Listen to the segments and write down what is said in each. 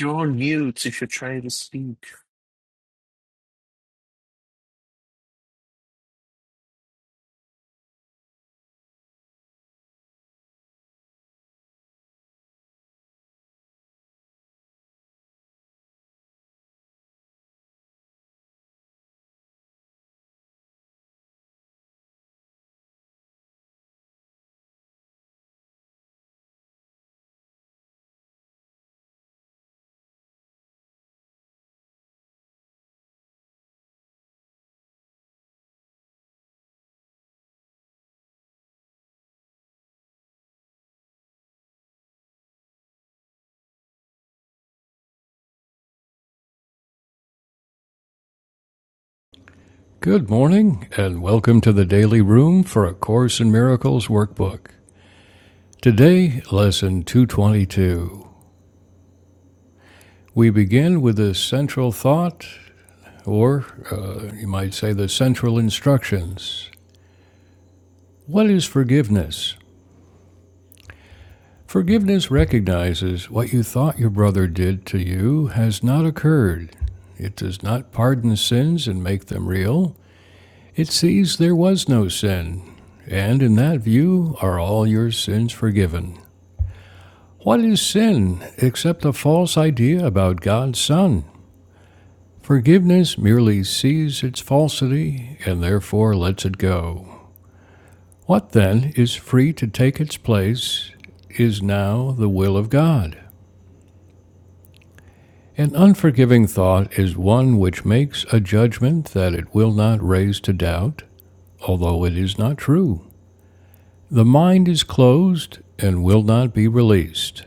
You're on mute if you're trying to speak. Good morning, and welcome to the Daily Room for A Course in Miracles workbook. Today, Lesson 222. We begin with the central thought, or uh, you might say the central instructions. What is forgiveness? Forgiveness recognizes what you thought your brother did to you has not occurred. It does not pardon sins and make them real. It sees there was no sin, and in that view are all your sins forgiven. What is sin except a false idea about God's Son? Forgiveness merely sees its falsity and therefore lets it go. What then is free to take its place is now the will of God. An unforgiving thought is one which makes a judgment that it will not raise to doubt, although it is not true. The mind is closed and will not be released.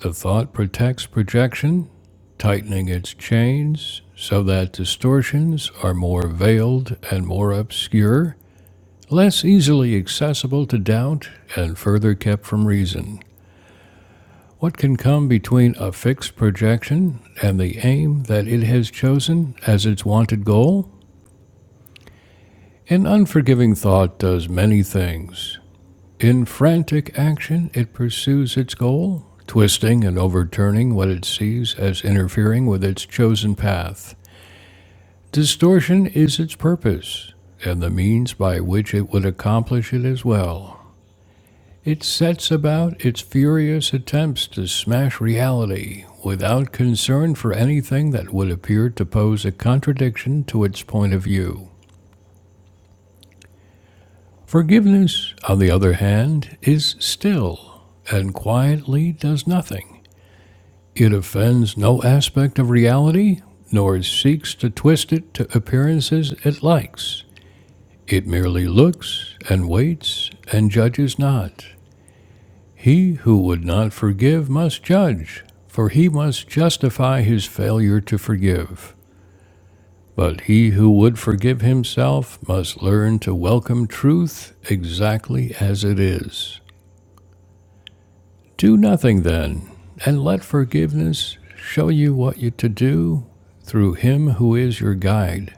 The thought protects projection, tightening its chains so that distortions are more veiled and more obscure, less easily accessible to doubt, and further kept from reason. What can come between a fixed projection and the aim that it has chosen as its wanted goal? An unforgiving thought does many things. In frantic action, it pursues its goal, twisting and overturning what it sees as interfering with its chosen path. Distortion is its purpose, and the means by which it would accomplish it as well. It sets about its furious attempts to smash reality without concern for anything that would appear to pose a contradiction to its point of view. Forgiveness, on the other hand, is still and quietly does nothing. It offends no aspect of reality, nor seeks to twist it to appearances it likes. It merely looks and waits and judges not. He who would not forgive must judge, for he must justify his failure to forgive. But he who would forgive himself must learn to welcome truth exactly as it is. Do nothing then, and let forgiveness show you what you to do through him who is your guide,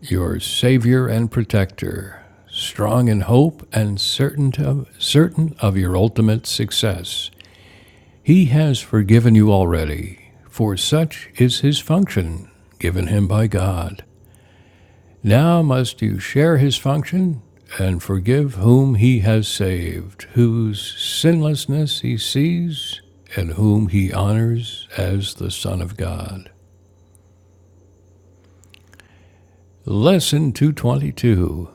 your savior and protector, strong in hope and certain of, certain of your ultimate success. He has forgiven you already, for such is his function given him by God. Now must you share his function and forgive whom he has saved, whose sinlessness he sees, and whom he honors as the Son of God. Lesson 222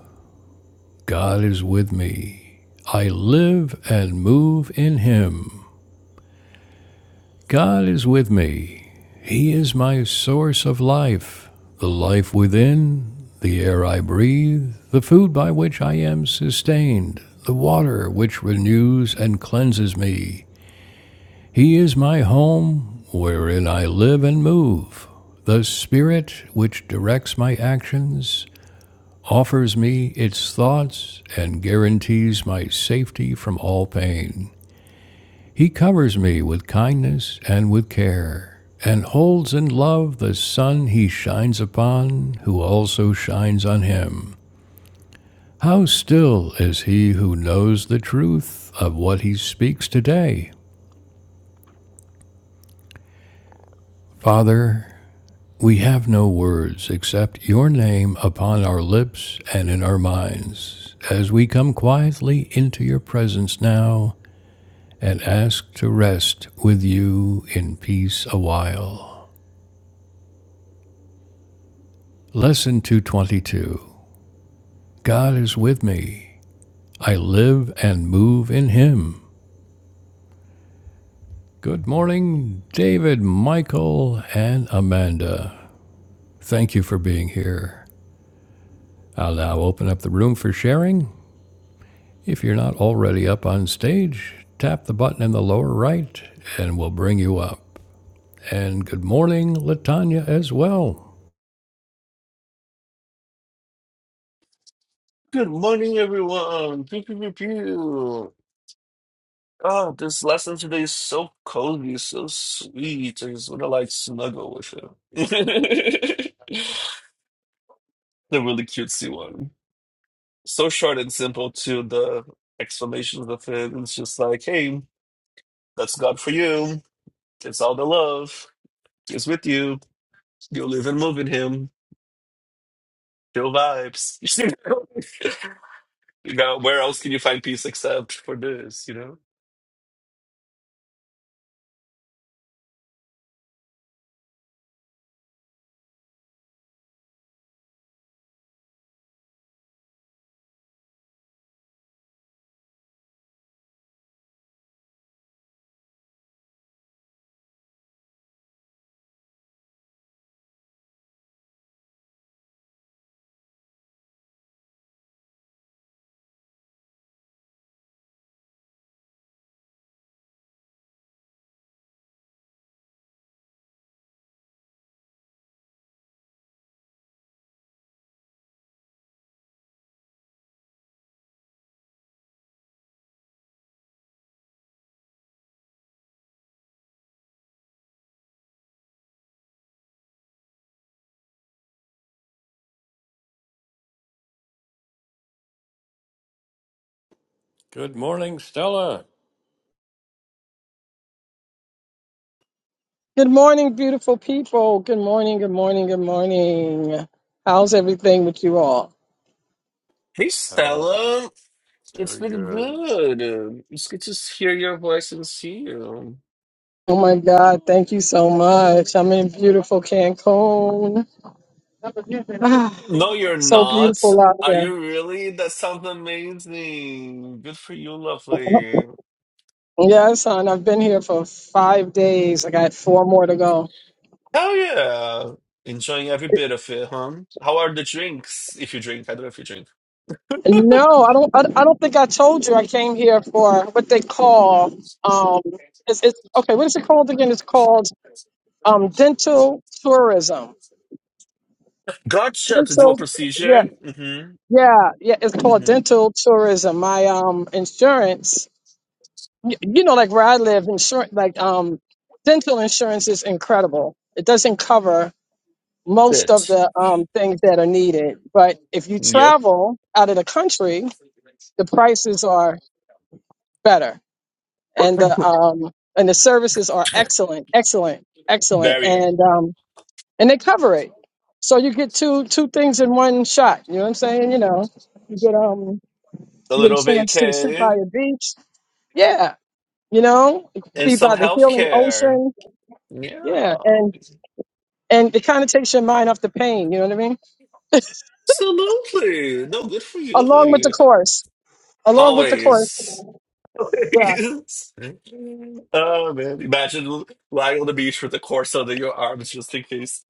God is with me. I live and move in him. God is with me. He is my source of life, the life within, the air I breathe, the food by which I am sustained, the water which renews and cleanses me. He is my home, wherein I live and move. The spirit which directs my actions offers me its thoughts and guarantees my safety from all pain. He covers me with kindness and with care, and holds in love the sun he shines upon, who also shines on him. How still is he who knows the truth of what he speaks today? Father, we have no words except your name upon our lips and in our minds, as we come quietly into your presence now and ask to rest with you in peace awhile. Lesson 222 God is with me. I live and move in Him. Good morning, David, Michael, and Amanda. Thank you for being here. I'll now open up the room for sharing. If you're not already up on stage, tap the button in the lower right and we'll bring you up. And good morning, Latanya, as well. Good morning, everyone. Pew, pew, pew, pew. Oh, this lesson today is so cozy, so sweet. I just want to like snuggle with you. the really cutesy one. So short and simple to the explanations of it. It's just like, hey, that's God for you. It's all the love. It's with you. You live and move in Him. Feel vibes. you know, where else can you find peace except for this? You know. Good morning, Stella. Good morning, beautiful people. Good morning, good morning, good morning. How's everything with you all? Hey Oh, Stella, it's very been good. good. Um, It's good to hear your voice and see you. Oh my God, thank you so much. I'm in beautiful Cancun. No, you're So not. beautiful out Are here. you really? That sounds amazing. Good for you, lovely. Yes, hon, I've been here for five days. I got four more to go. Hell yeah. Enjoying every bit of it, huh? How are the drinks? If you drink, I don't know if you drink. No, I don't. I, I don't think I told you I came here for what they call. Um, it's, it's okay. What is it called again? It's called um dental tourism. Gotcha to do a Dental. yeah, procedure. Mm-hmm. Yeah, yeah, it's called Mm-hmm. dental tourism. My um insurance, y- you know, like where I live, insurance, like um dental insurance is incredible. It doesn't cover most of Bit. the um things that are needed, but if you Yep. travel out of the country, the prices are better and the um and the services are excellent, excellent, excellent, Very. and um and they cover it. So you get two two things in one shot. You know what I'm saying? You know, you get um A You get a little chance to sit by vacay a beach. Yeah. You know, and be some by the healing healthcare. ocean. Yeah, Yeah. And and it kind of takes your mind off the pain, you know what I mean? absolutely. No, good for you, Along with the honey. course. Along with the course. Always. Yeah. Oh man, imagine lying on the beach with a corpse under your arms just in case.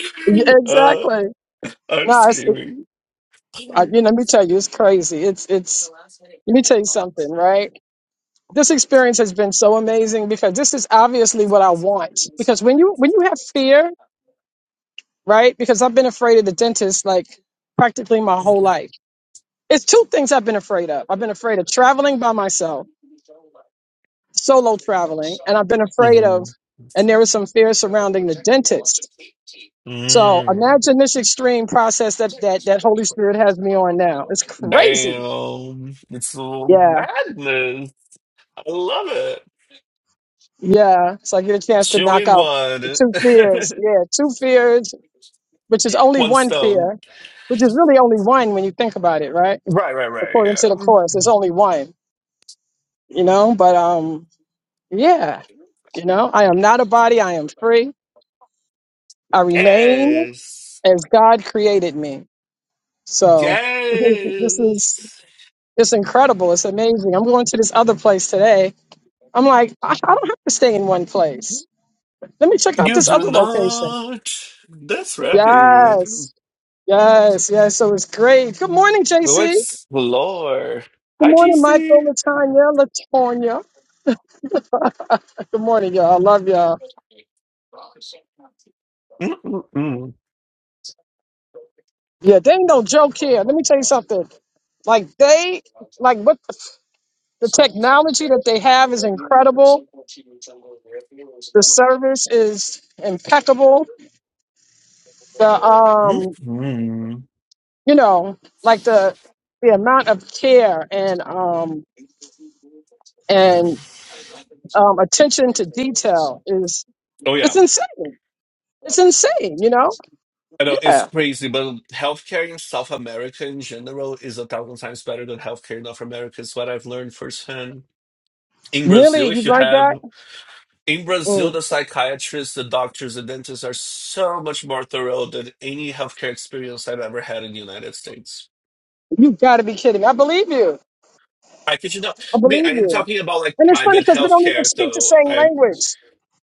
Uh, Exactly. I'm No, it's, it, screaming. I, hmm you know, let me tell you, it's crazy. It's it's let me tell you something, right? This experience has been so amazing because this is obviously what I want. Because when you when you have fear, right? Because I've been afraid of the dentist like practically my whole life It's two things I've been afraid of. I've been afraid of traveling by myself, solo traveling, and I've been afraid of, Mm. and there was some fear surrounding the dentist. So imagine this extreme process that that that Holy Spirit has me on now. It's crazy. Damn, it's so Yeah, madness. I love it. yeah. So I get a chance to Two knock out the one, two fears. Yeah, two fears, which is only one one stone. fear, which is really only one when you think about it, right? Right, right, right. According to the course, Yeah. it's only one. You know, but um, yeah. You know, I am not a body. I am free. I remain Yes. as God created me. So this is Yes. it's incredible. It's amazing. I'm going to this other place today. I'm like, I, I don't have to stay in one place. Let me check out You this do other location. not. That's right. Yes. Yes, yes. So it's great. Good morning, Go JC. explore. Good Hi, morning, JC. Michael, Latanya, Latonya. Good morning, y'all. I love y'all. Mm-mm-mm. Yeah, they ain't no joke here. Let me tell you something. Like they like what the technology that they have is incredible The service is impeccable. The um, Mm-mm. you know, like the the amount of care and um and um attention to detail is Oh, yeah. it's insane. It's insane, you know? I know it's Yeah. crazy, but healthcare in South America in general is a thousand times better than healthcare in North America, is what I've learned firsthand. In Really, Brazil, you if you learned have that? In Brazil, Mm, the psychiatrists, the doctors, the dentists are so much more thorough than any healthcare experience I've ever had in the United States. you got to be kidding. I believe you. I could you not. I I mean, I believe am you. talking about like And it's funny private because we don't even healthcare, speak the though. same I'm. language.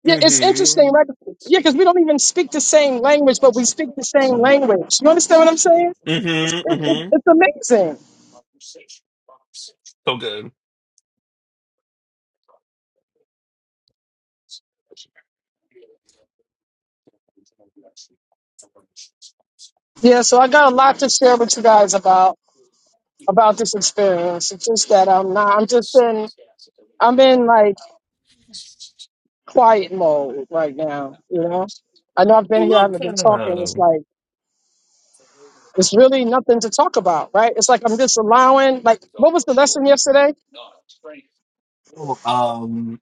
Yeah, Mm it's hmm. interesting, right? Yeah, because we don't even speak the same language, but we speak the same language. You understand what I'm saying? Mm It's, hmm. it, it, Mm hmm. it's amazing. So good. Yeah, so I got a lot to share with you guys about about this experience. It's just that I'm not. I'm just in. I'm in like quiet mode right now. You know, I know I've I been here. I love haven't been talking. It's that. like it's really nothing to talk about, right? It's like I'm just allowing. Like, what was the lesson yesterday? Um,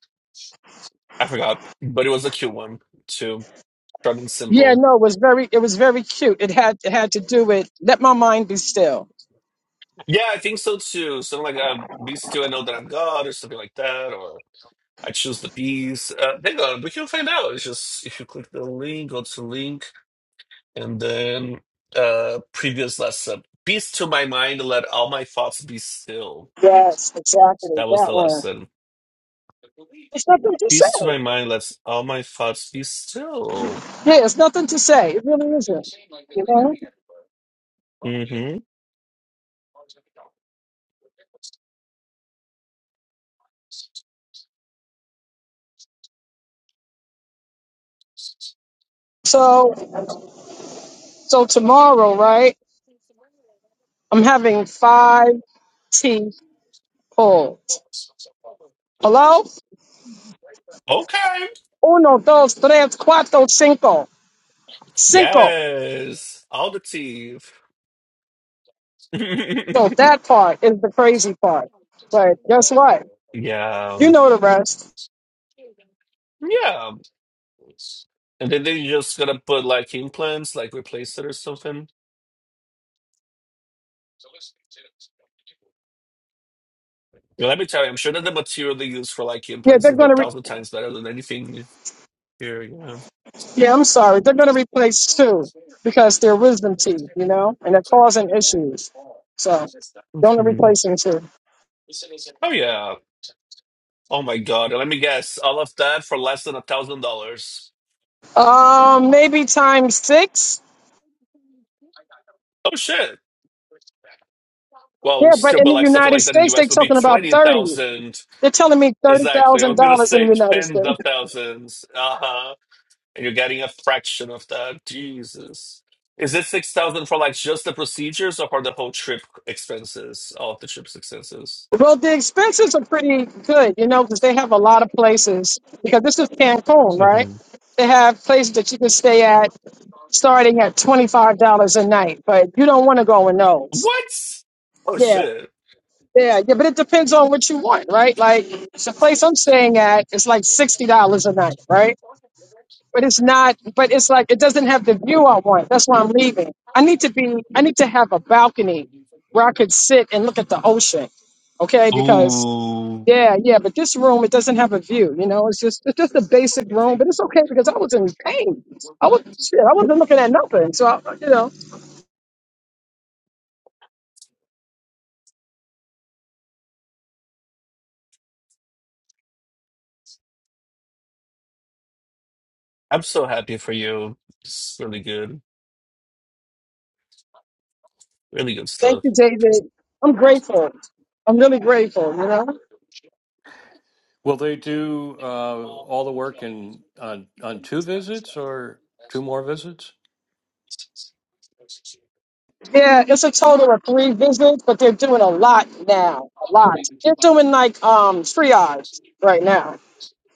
I forgot, but it was a cute one too. Short and Yeah, simple. no, it was very. It was very cute. It had it had to do with let my mind be still. Yeah, I think so too. Something like uh, "Be still and know that I'm God" or something like that, I choose the piece. Uh, hang on, we can find out. It's just if you click the link, go to link, and then uh, previous lesson. Peace to my mind, let all my thoughts be still. Yes, exactly That was that the one. lesson. It's nothing to say. Peace to my mind, let all my thoughts be still. Yeah, it's nothing to say. It really isn't. You know. hmm so. So tomorrow, right? I'm having five teeth pulled. Hello? Okay. Uno, dos, tres, cuatro, cinco. Cinco. Yes. All the teeth. yeah. So that part is the crazy part. But guess what? You Yeah. know the rest. And then they're just gonna put like implants, like replace it or something. Yeah, Let me tell you, I'm sure that the material they use for like Yeah, implants they're is a gonna. Re- thousand times better than anything here. Yeah. yeah, I'm sorry. They're gonna replace two because they're wisdom teeth, you know, and they're causing issues. So they're only Mhm. replacing two. Oh yeah. Oh my God. And Let me guess, all of that for less than a thousand dollars. Um, maybe times six. Oh shit. Well, Yeah, but still, in but the like something United like that in the States, they're US would be talking about twenty thirty. thousand. They're telling me thirty Exactly. I thousand was gonna dollars in the say United tens States. of thousands. Uh huh. And you're getting a fraction of that. Jesus. Is it six thousand for like just the procedures or for the whole trip expenses? All of the trip's expenses. Well, the expenses are pretty good, you know, because they have a lot of places. Because this is Cancun, right? Mhm. They have places that you can stay at starting at twenty five dollars a night, but you don't want to go in those. What? Oh Yeah, shit. yeah, yeah. But it depends on what you want, right? Like the place I'm staying at is like sixty dollars a night, right? but it's not but it's like it doesn't have the view i want that's why i'm leaving i need to be i need to have a balcony where i could sit and look at the ocean okay because Ooh. yeah yeah but this room it doesn't have a view you know it's just it's just a basic room but it's okay because i was in pain i was shit, i wasn't looking at nothing so I, you know I'm so happy for you. It's really good. Really good thank stuff. you david i'm grateful i'm really grateful you know Will they do uh, all the work in on on two visits or two more visits? yeah it's a total of three visits but they're doing a lot now a lot they're doing like um triage right now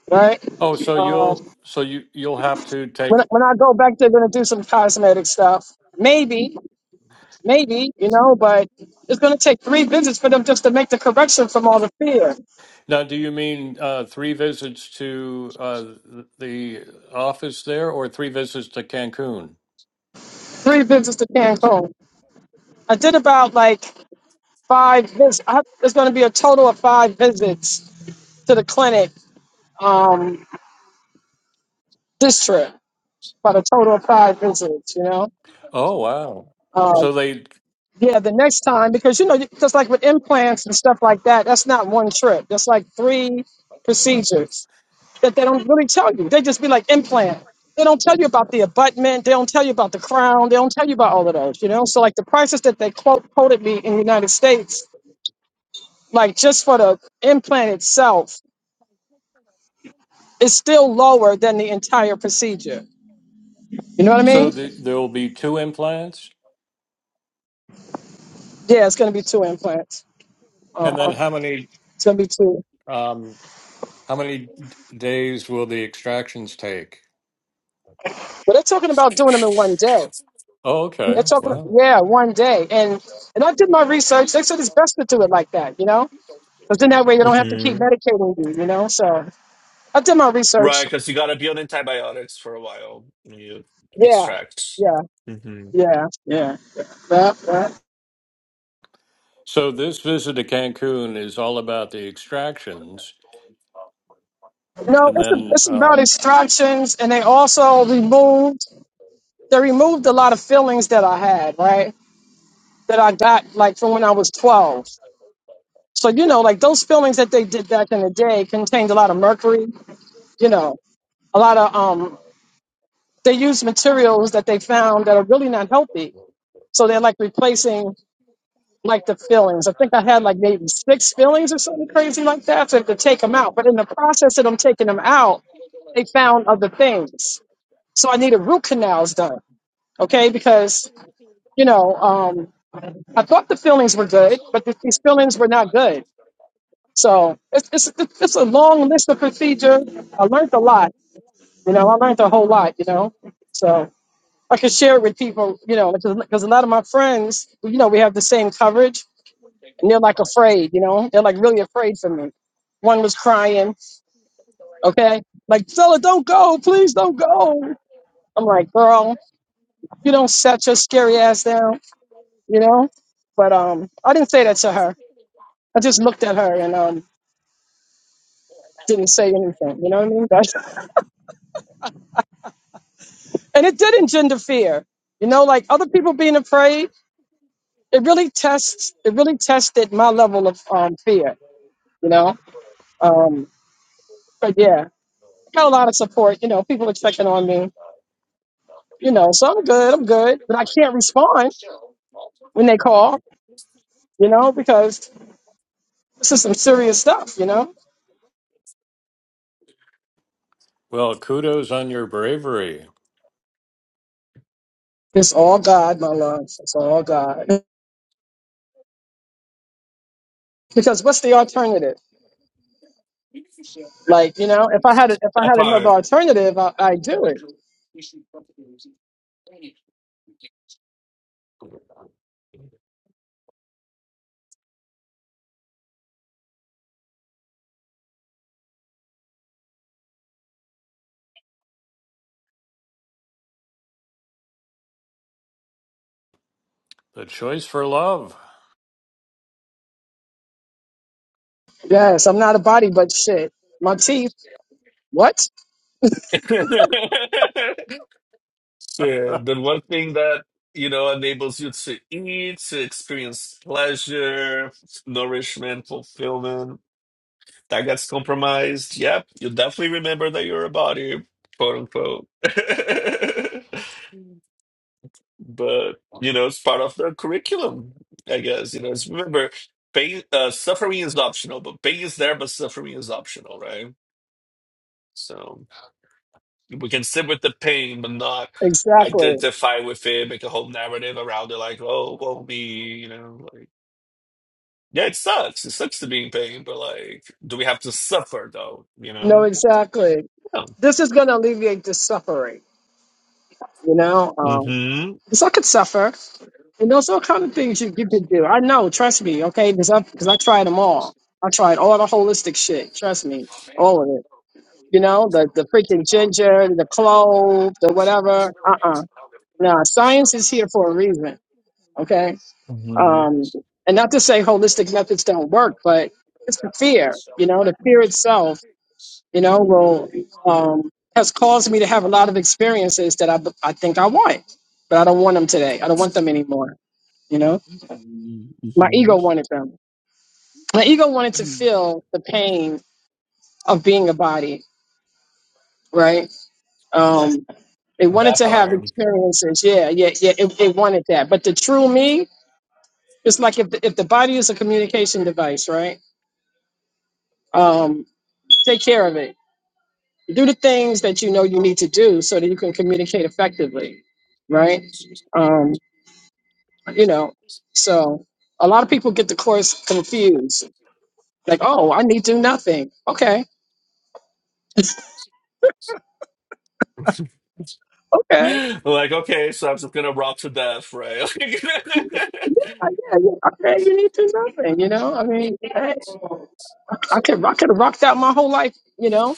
right? Oh, so you'll Um, so you you'll have to take when when I go back, they're gonna do some cosmetic stuff, maybe, maybe, you know. But it's gonna take three visits for them just to make the correction from all the fear. now. Do you mean uh, three visits to uh, th- the office there, or three visits to Cancun? Three visits to Cancun. I did about like five visits. I, there's gonna be a total of five visits to the clinic um, this trip, but a total of five visits, you know. Oh, wow! Um, So they yeah, the next time because you know, just like with implants and stuff like that, that's not one trip. That's like three procedures that they don't really tell you. They just be like implant. They don't tell you about the abutment. They don't tell you about the crown. They don't tell you about all of those, you know? So, like, the prices that they quote, quoted me in the United States, like, just for the implant itself, is still lower than the entire procedure. You know what I so mean? the, there will be two implants, Yeah, it's going to be two implants. and then Uh-huh. how many It's going to be two. um, how many d- days will the extractions take? Well, they're talking about doing them in one day. Oh, They're okay. talking, Wow. yeah, one day. And and I did my research. They said it's best to do it like that, you know? Because then that way they don't have to hmm keep medicating you, you know? So. I've done my Right, research. because you gotta be on antibiotics for a while. You Yeah, extract. yeah, hmm yeah. yeah, yeah. So this visit to Cancun is all about the extractions, No, and it's, a, then, it's about uh, extractions, and they also removed they removed a lot of feelings that I had, right? That I got like from when I was twelve. So you know, like those feelings that they did back in the day contained a lot of mercury. You know, a lot of um, they used materials that they found that are really not healthy. So they're like replacing like the fillings. I think I had like maybe six fillings or something crazy like that to, to take them out. But in the process of them taking them out, they found other things. So I needed root canals done. Okay, because you know, um, I thought the fillings were good, but th- these fillings were not good. So it's, it's it's a long list of procedure. I learned a lot. You know, I learned a whole lot. You know, so I could share it with people. You know, because a lot of my friends, you know, we have the same coverage and they're like afraid, you know, they're like really afraid for me. One was crying, okay, like fella, don't go, please don't go. I'm like, girl, you don't set your scary ass down, you know. But um, I didn't say that to her. I just looked at her and um, didn't say anything. You know what I mean? That's, and it did engender fear. You know, like other people being afraid, it really tests. It really tested my level of um fear. You know, um, but yeah, I got a lot of support. You know, people are checking on me you know, so I'm good, I'm good, but I can't respond when they call, you know, because this is some serious stuff, you know. well, kudos on your bravery. It's all God, my love. It's all God. Because what's the alternative? Like, you know, if I had a, if I That had another part. alternative, I, I'd do it. The choice for love. Yes, I'm not a body, but shit, my teeth. What? Sure. The one thing that, you know, enables you to eat, to experience pleasure, no nourishment, fulfillment, that gets compromised. Yep, you definitely remember that you're a body, quote unquote. But, you know, it's part of the curriculum, I guess. You know, it's remember, pain, uh, suffering is optional, but pain is there, but suffering is optional, right? So. We can sit with the pain, but not Exactly. identify with it, make a whole narrative around it, like, oh, woe me, you know, like, yeah, it sucks. It sucks to be in pain, but like, do we have to suffer though? You No, know? exactly. Yeah. This is gonna alleviate the suffering, you know. Um, Mm-hmm. because I could suffer. And there's all kind of things you, you can do. I know, trust me, okay? Because I because I tried them all. I tried all the holistic shit. Trust me, all of it. You know, the the freaking ginger, the clove, the whatever. Uh uh Nah, science is here for a reason. Okay. Mm-hmm. Um, and not to say holistic methods don't work, but it's the fear. You know, the fear itself. You know, will um, has caused me to have a lot of experiences that I I think I want, but I don't want them today. I don't want them anymore. You know. My ego wanted them. My ego wanted to feel Mm-hmm. the pain of being a body, right? Um, it wanted That to have part. experiences. Yeah, yeah, yeah. It, it wanted that. But the true me, it's like if the, if the body is a communication device, right? Um, take care of it. Do the things that you know you need to do so that you can communicate effectively, right? Um, you know, so a lot of people get the course confused. Like, oh, I need to do nothing. Okay, okay. Like, okay, so I'm just gonna rock to death, right? Yeah, yeah, yeah. I paid you need to nothing, you know? I mean, hey, I could I could have rocked out my whole life, you know,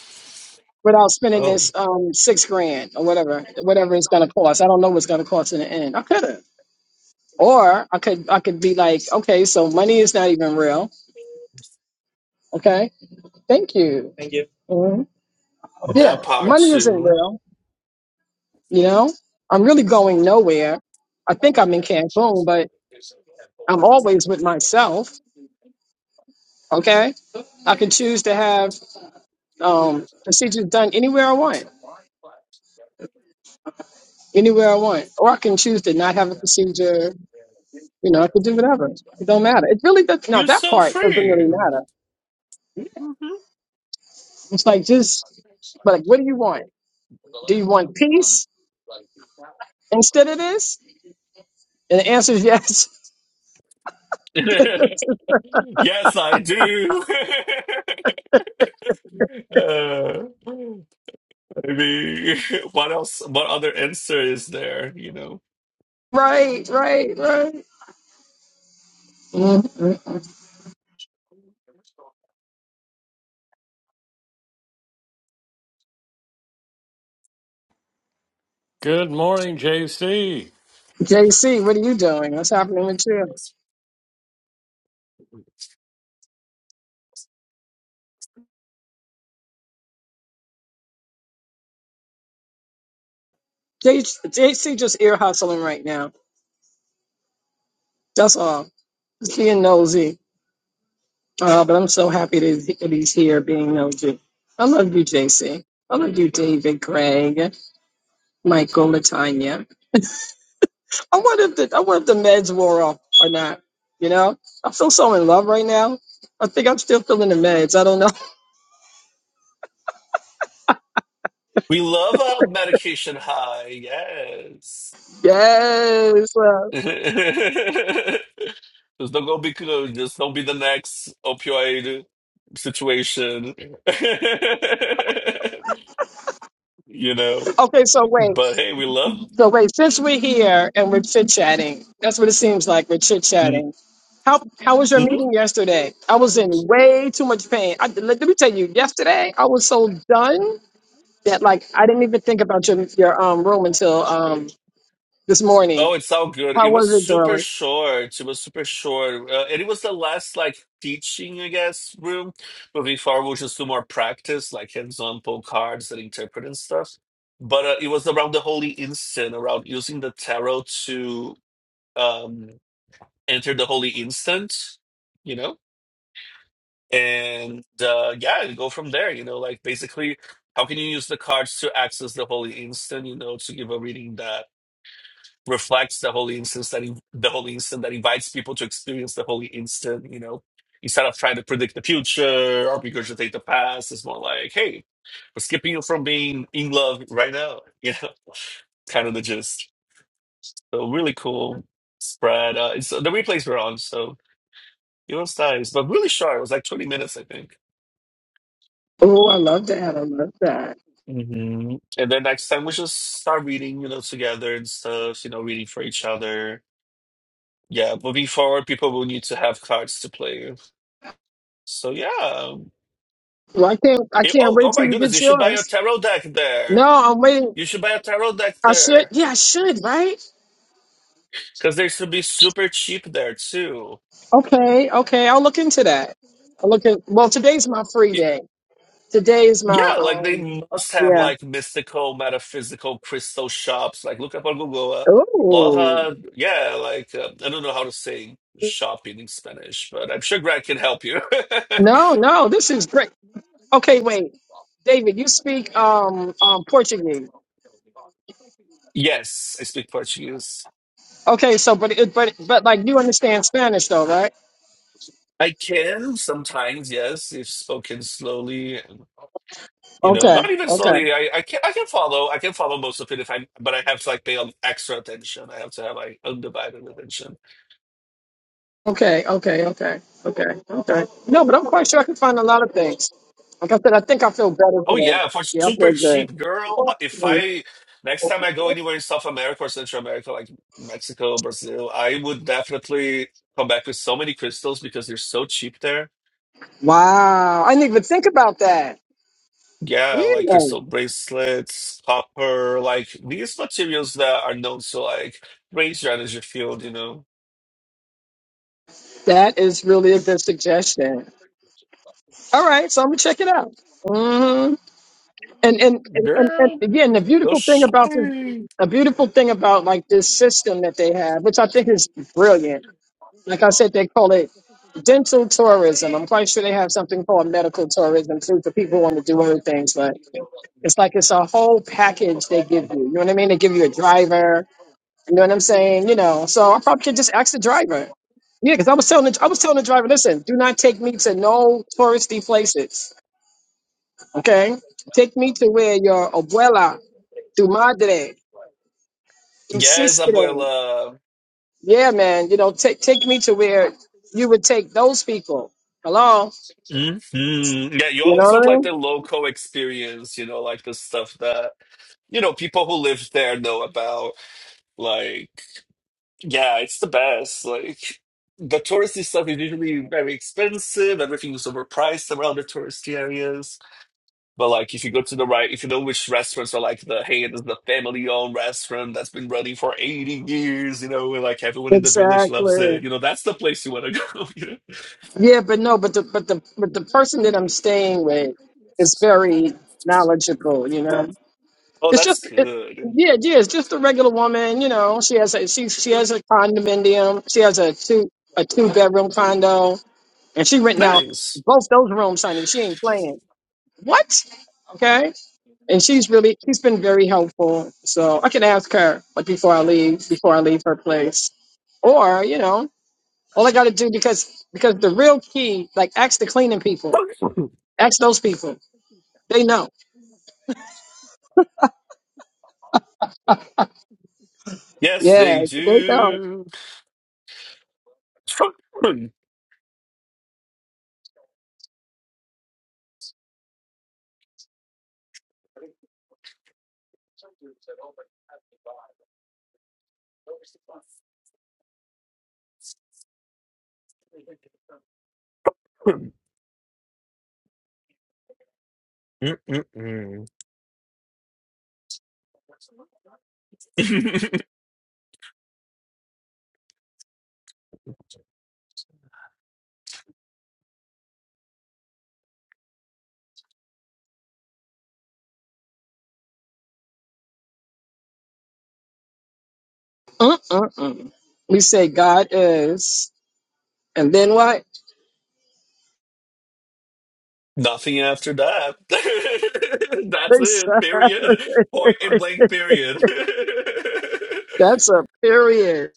without spending oh, this um six grand or whatever, whatever it's gonna cost. I don't know what's gonna cost in the end. I could have. Or I could I could be like, okay, so money is not even real. Okay. Thank you. Mhm. that Yeah, part money isn't too. real, you know? I'm really going nowhere. I think I'm in Cancun, but I'm always with myself. Okay. I can choose to have um, procedures done anywhere I want, anywhere I want, or I can choose to not have a procedure. You know, I could do whatever. It don't matter. It really does. Now You're that so part doesn't really free. matter. It's like just, but like, what do you want? Do you want peace instead of this? And the answer is yes. Mhm. Yes, I do. uh, I mean, what else? What other answer is there? You know, Mhm. Good morning, JC. JC, what are you doing? What's happening with you? J- JC just ear hustling right now. That's all. Just being nosy. Uh, but I'm so happy that that he's here being no Jew. I love you, JC. I love you, David, Greg, Michael, Latanya. I wonder if the I wonder if the meds wore off or not. You know? I feel so in love right now. I think I'm still feeling the meds. I don't know. we love a medication high. Yes. Yes. uh, just don't go be just don't be the next opioid situation. you know, okay, so wait. but hey, we love. So wait, since we're here and we're chit chatting, that's what it seems like. We're chit chatting. Mhm. How how was your meeting yesterday? I was in way too much pain. I, let, let me tell you, yesterday I was so done. that like I didn't even think about your your um room until um this Oh, morning. it's all good. How It was was it, super darling? short. It was super short. Uh, and it was the last, like, teaching, I guess, room. Moving forward, we'll just do more practice, like hands-on pull cards and interpret and stuff. But uh, it was around the Holy Instant, around using the tarot to um, enter the Holy Instant, you know? And uh, yeah, and go from there, you know? Like, basically, how can you use the cards to access the Holy Instant, you know, to give a reading reflects the holy instance that he, the holy instant that invites people to experience the holy instant. You know, instead of trying to predict the future or regurgitate the past, it's more like, hey, we're skipping you from being in love right now. You know, kind of the gist. So really cool spread. Uh, it's, the replays were on, so it was nice, but really short. It was like twenty minutes, I think. Oh, I love that. I love that. hmm And then next time we just start reading, you know, together and stuff. You know, reading for each other. Yeah, moving forward, people will need to have cards to play So yeah. Well, I can't I It- can't oh, oh wait my till you goodness, get you should buy a yours. tarot deck No, there. I'm waiting. You should buy a tarot deck I should. there. Yeah, I should. Right? Because they should be super cheap there too. Okay. Okay. I'll look into that. I'll look at. Well, today's my free Y- day. Today is my Yeah, like they um. must have Yeah. like mystical, metaphysical crystal shops. Like look up on Google, uh, Oh. Loja. Yeah, like uh, I don't know how to say shopping in Spanish, but I'm sure Greg can help you. No, no. This is great. Okay, wait. David, you speak um um Portuguese. Yes, I speak Portuguese. Okay, so but it, but but like you understand Spanish though, right? I can sometimes, yes, if spoken slowly. and, You know, Okay, not even okay, slowly. I, I can I can follow. I can follow most of it if I, but I have to like pay extra attention. I have to have like undivided attention. okay, okay, okay, okay, okay. No, but I'm quite sure I can find a lot of things. Like I said, I think I feel better Oh today. yeah, for Yeah, I super feel cheap, girl. uh, If good. I next time I go anywhere in South America or Central America, like Mexico, Brazil, I would definitely come back with so many crystals because they're so cheap there Wow, I didn't even think about that. Yeah, like Yeah, crystal bracelets, copper, like these materials that are known to like raise your energy field, you know. that is really a good suggestion. All right, so I'm gonna check it out. hmm And, and and and and Girl, again, the go beautiful thing sh- about this, a beautiful thing about like this system that they have, which I think is brilliant Like I said, they call it dental tourism. I'm quite sure they have something called medical tourism too for people who want to do other things, but it's like it's a whole package they give you. You know what I mean? They give you a driver. You know what I'm saying? You know, so I probably could just ask the driver. Yeah, because I was telling the, I was telling the driver, listen, do not take me to no touristy places. Okay, take me to where your abuela, tu madre, tu Yes, sister. abuela. Yeah, man, you know, take take me to where you would take those people. Hello hmm Yeah, you You know always want like the what local experience, you know, like the stuff that, you know, people who live there know about. Like, yeah, it's the best. Like, the touristy stuff is usually very expensive. Everything is overpriced around the touristy areas. But like, if you go to the right, if you know which restaurants are like the hey, this is the family-owned restaurant that's been running for 80 years, you know, and like everyone I mean? in the village loves Exactly. it. You know, that's the place you want to go. You know? Yeah, but no, but the but the but the person that I'm staying with is very knowledgeable. You know, Oh, it's just that's it, good. yeah, yeah. It's just a regular woman. You know, she has a she she has a condominium. She has a two a two bedroom condo, and she renting out Nice. both those rooms, honey. She ain't playing. What? Okay. And she's really she's been very helpful. So I can ask her like before I leave before I leave her place, or you know. All I gotta do because because the real key, like ask the cleaning people, ask those people. They know. Yes, Yeah, they they know. do. Mm-mm-mm. Uh uh uh. We say God is, and then what? Nothing after that. That's it. Period. Point and Exactly. blank. Period. That's a period.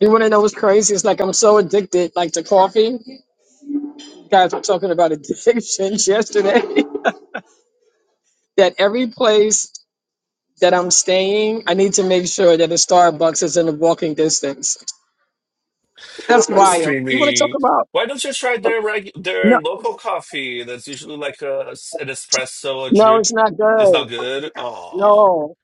You want to know what's crazy? It's like I'm so addicted, like to coffee. Guys, we're talking about addictions yesterday. that every place that I'm staying, I need to make sure that the Starbucks is in the walking distance. That's I'm wild. You want to talk streaming. about? Why don't you try their reg- their No, local coffee? That's usually like a s- an espresso, a no, drip. it's not It's not good. good. Oh, No,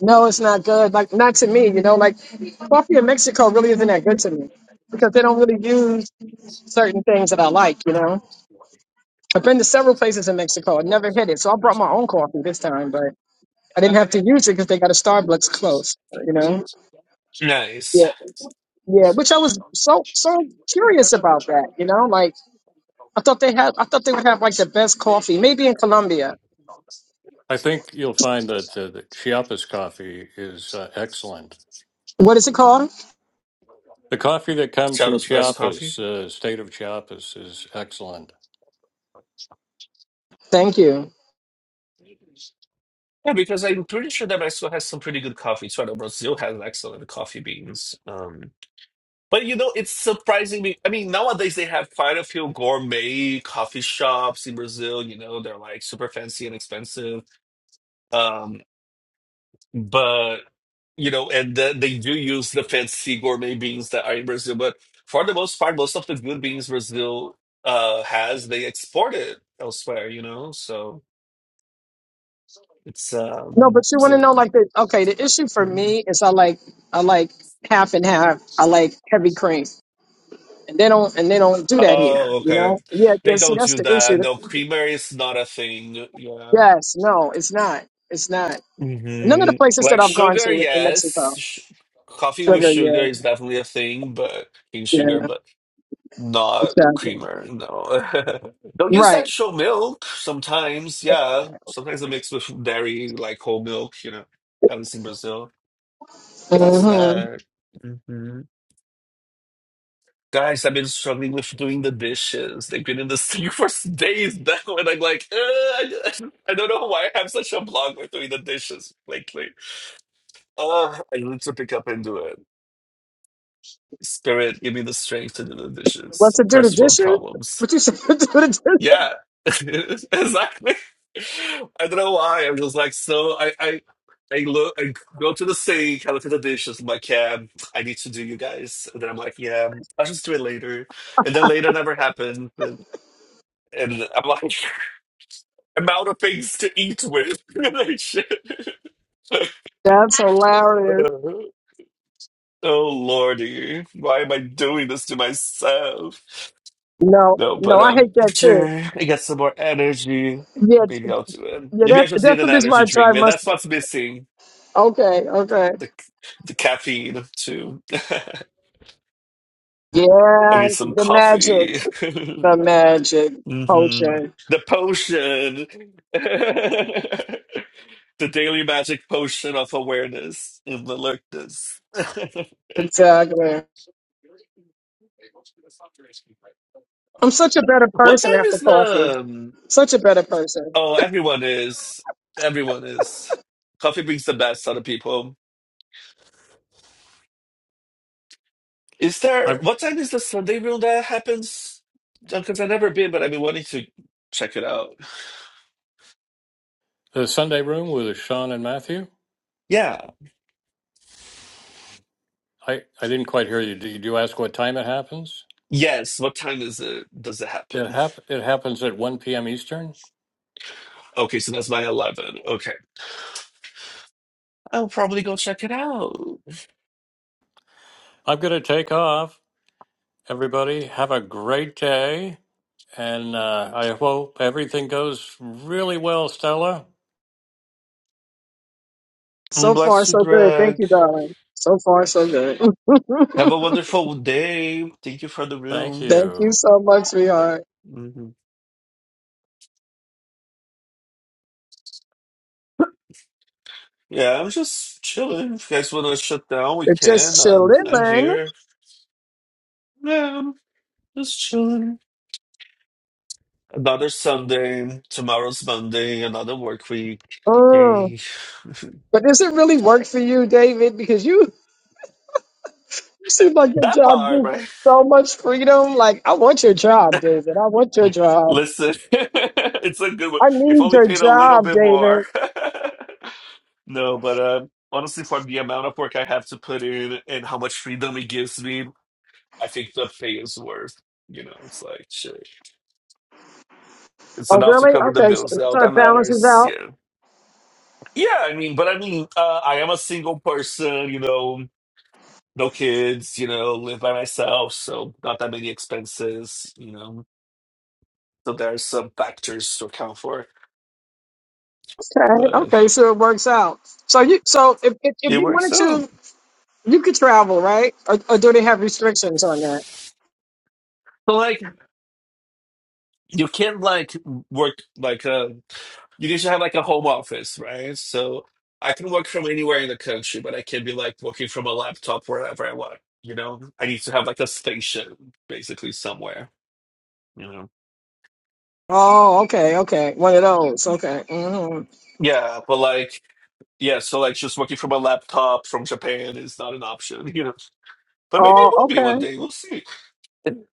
no, it's not good. Like, not to me, you know, like coffee in Mexico really isn't that good to me because they don't really use certain things that I like, you know. I've been to several places in Mexico. I never hit it. So I brought my own coffee this time, but I didn't have to use it because they got a Starbucks close, you know. Yeah, nice. yeah, which I was so, so curious about that, you know. Like, I thought they had, I thought they would have like the best coffee, maybe in Colombia. I think you'll find that uh, the Chiapas coffee is uh, excellent. What is it called? The coffee that comes from Shadows best coffee. Chiapas, uh, state of Chiapas, is excellent. Thank you. Yeah, because I'm pretty sure that Mexico has some pretty good coffee too. I know Brazil has excellent coffee beans. Um, but you know, it's surprising me. I mean, nowadays they have quite a few gourmet coffee shops in Brazil. You know, they're like super fancy and expensive. Um, But you know, and then they do use the fancy gourmet beans that are in Brazil. But for the most part, most of the good beans Brazil uh has, they export it elsewhere. You know, so it's No, but um, you it's, want to um know, like, the okay, the issue for um, me is I like, I like half and half. I like heavy cream, and they don't, and they don't do that here. oh You okay, know? Yeah, yeah. they See, don't that's do the that. issue. No, creamer is not a thing. Yeah, Yes, no, it's not. It's not. None of the hmm places like that I've gone sugar, to in yes. Mexico, Sh- Coffee with sugar. sugar Yeah, is definitely a thing, but cane sugar, yeah, but. Not exactly. creamer, no. They'll use Right. actual milk sometimes, yeah. Sometimes they mix with dairy, like whole milk, you know, at least in Brazil. that's Mm-hmm. that. hmm Guys, I've been struggling with doing the dishes. They've been in the sink for days now, and I'm like, uh, I, I don't know why I have such a block with doing the dishes lately. Uh, I need to pick up and do it. Spirit, give me the strength to do the What dishes. to do the First world dishes? problems. What you said to do the dishes? Yeah, exactly. I don't know why. I'm just like so. I I I look. I go to the sink. I look at the dishes. I'm like, yeah, I need to do you guys. And then I'm like, yeah, I'll just do it later. And then later never happened. And, and I'm like, I'm out of things to eat with. Like, shit. That's hilarious. oh lordy, why am I doing this to myself? No, No, but no, I um, hate that after too. I get some more energy, Yeah, maybe I'll do it. yeah. Maybe I That, just need that's an the reason why energy I drink. try Man, that's mustard. what's missing. Okay, okay. The the caffeine too. I Yeah, need some the magic, coffee. the magic hmm potion. The potion. The daily magic potion of awareness in the alertness. Exactly. I'm such a better What person time after is coffee. the? um, Such a better person. Oh, everyone is. Everyone is. Coffee brings the best out of people. Is there i what time is the Sunday room that happens? Because I've never been, but I've been wanting to check it out. the Sunday Room with Sean and Matthew. Yeah. I, I didn't quite hear you. Did you ask what time it happens? Yes. What time is it? Does it It happen? hap- it happens at one p.m. Eastern. Okay, so that's my eleven. Okay, I'll probably go check it out. I'm going to take off. Everybody, have a great day. And uh, I hope everything goes really well, Stella. Mm, So far, Bless you, so good. Thank Greg. you, darling. So far, so good. Have a wonderful day. Thank you for the Thank room. Thank you you. so much, sweetheart. hmm Yeah, I'm just chilling. If you guys want to shut down, we It can. just Um, I'm chillin'. here. Yeah, I'm just chilling. Another Sunday, tomorrow's Monday, another work week. Mm. Yay. But does it really work for you, David? Because you you seem like your That job part, gives you right? so much freedom. Like, I want your job, David. I want your job. Listen, it's a good one. I If need only your paid a little job, bit David. more. No, but uh, honestly, for the amount of work I have to put in and how much freedom it gives me, I think the pay is worth. You know, it's like shit. It's Oh, enough to really? cover the Okay, so, bills. Now so that it balances matters. out. Yeah, yeah. I mean, but I mean, uh, I am a single person. You know, no kids, you know, live by myself, so not that many expenses, you know. So there are some factors to account for, Okay, but okay, so it works out. So you, so if if, if it you works wanted out. to, you could travel, right? Or, or do they have restrictions on that? So like you can like work like uh you can just have like a home office, right? So I can work from anywhere in the country, but I can be like working from a laptop wherever I want. You know, I need to have like a station basically somewhere. You know, Oh, okay, okay, one of those. Okay. hmm yeah, but like yeah, so like just working from a laptop from Japan is not an option. You know But maybe it Oh, will be one okay. day. We'll see.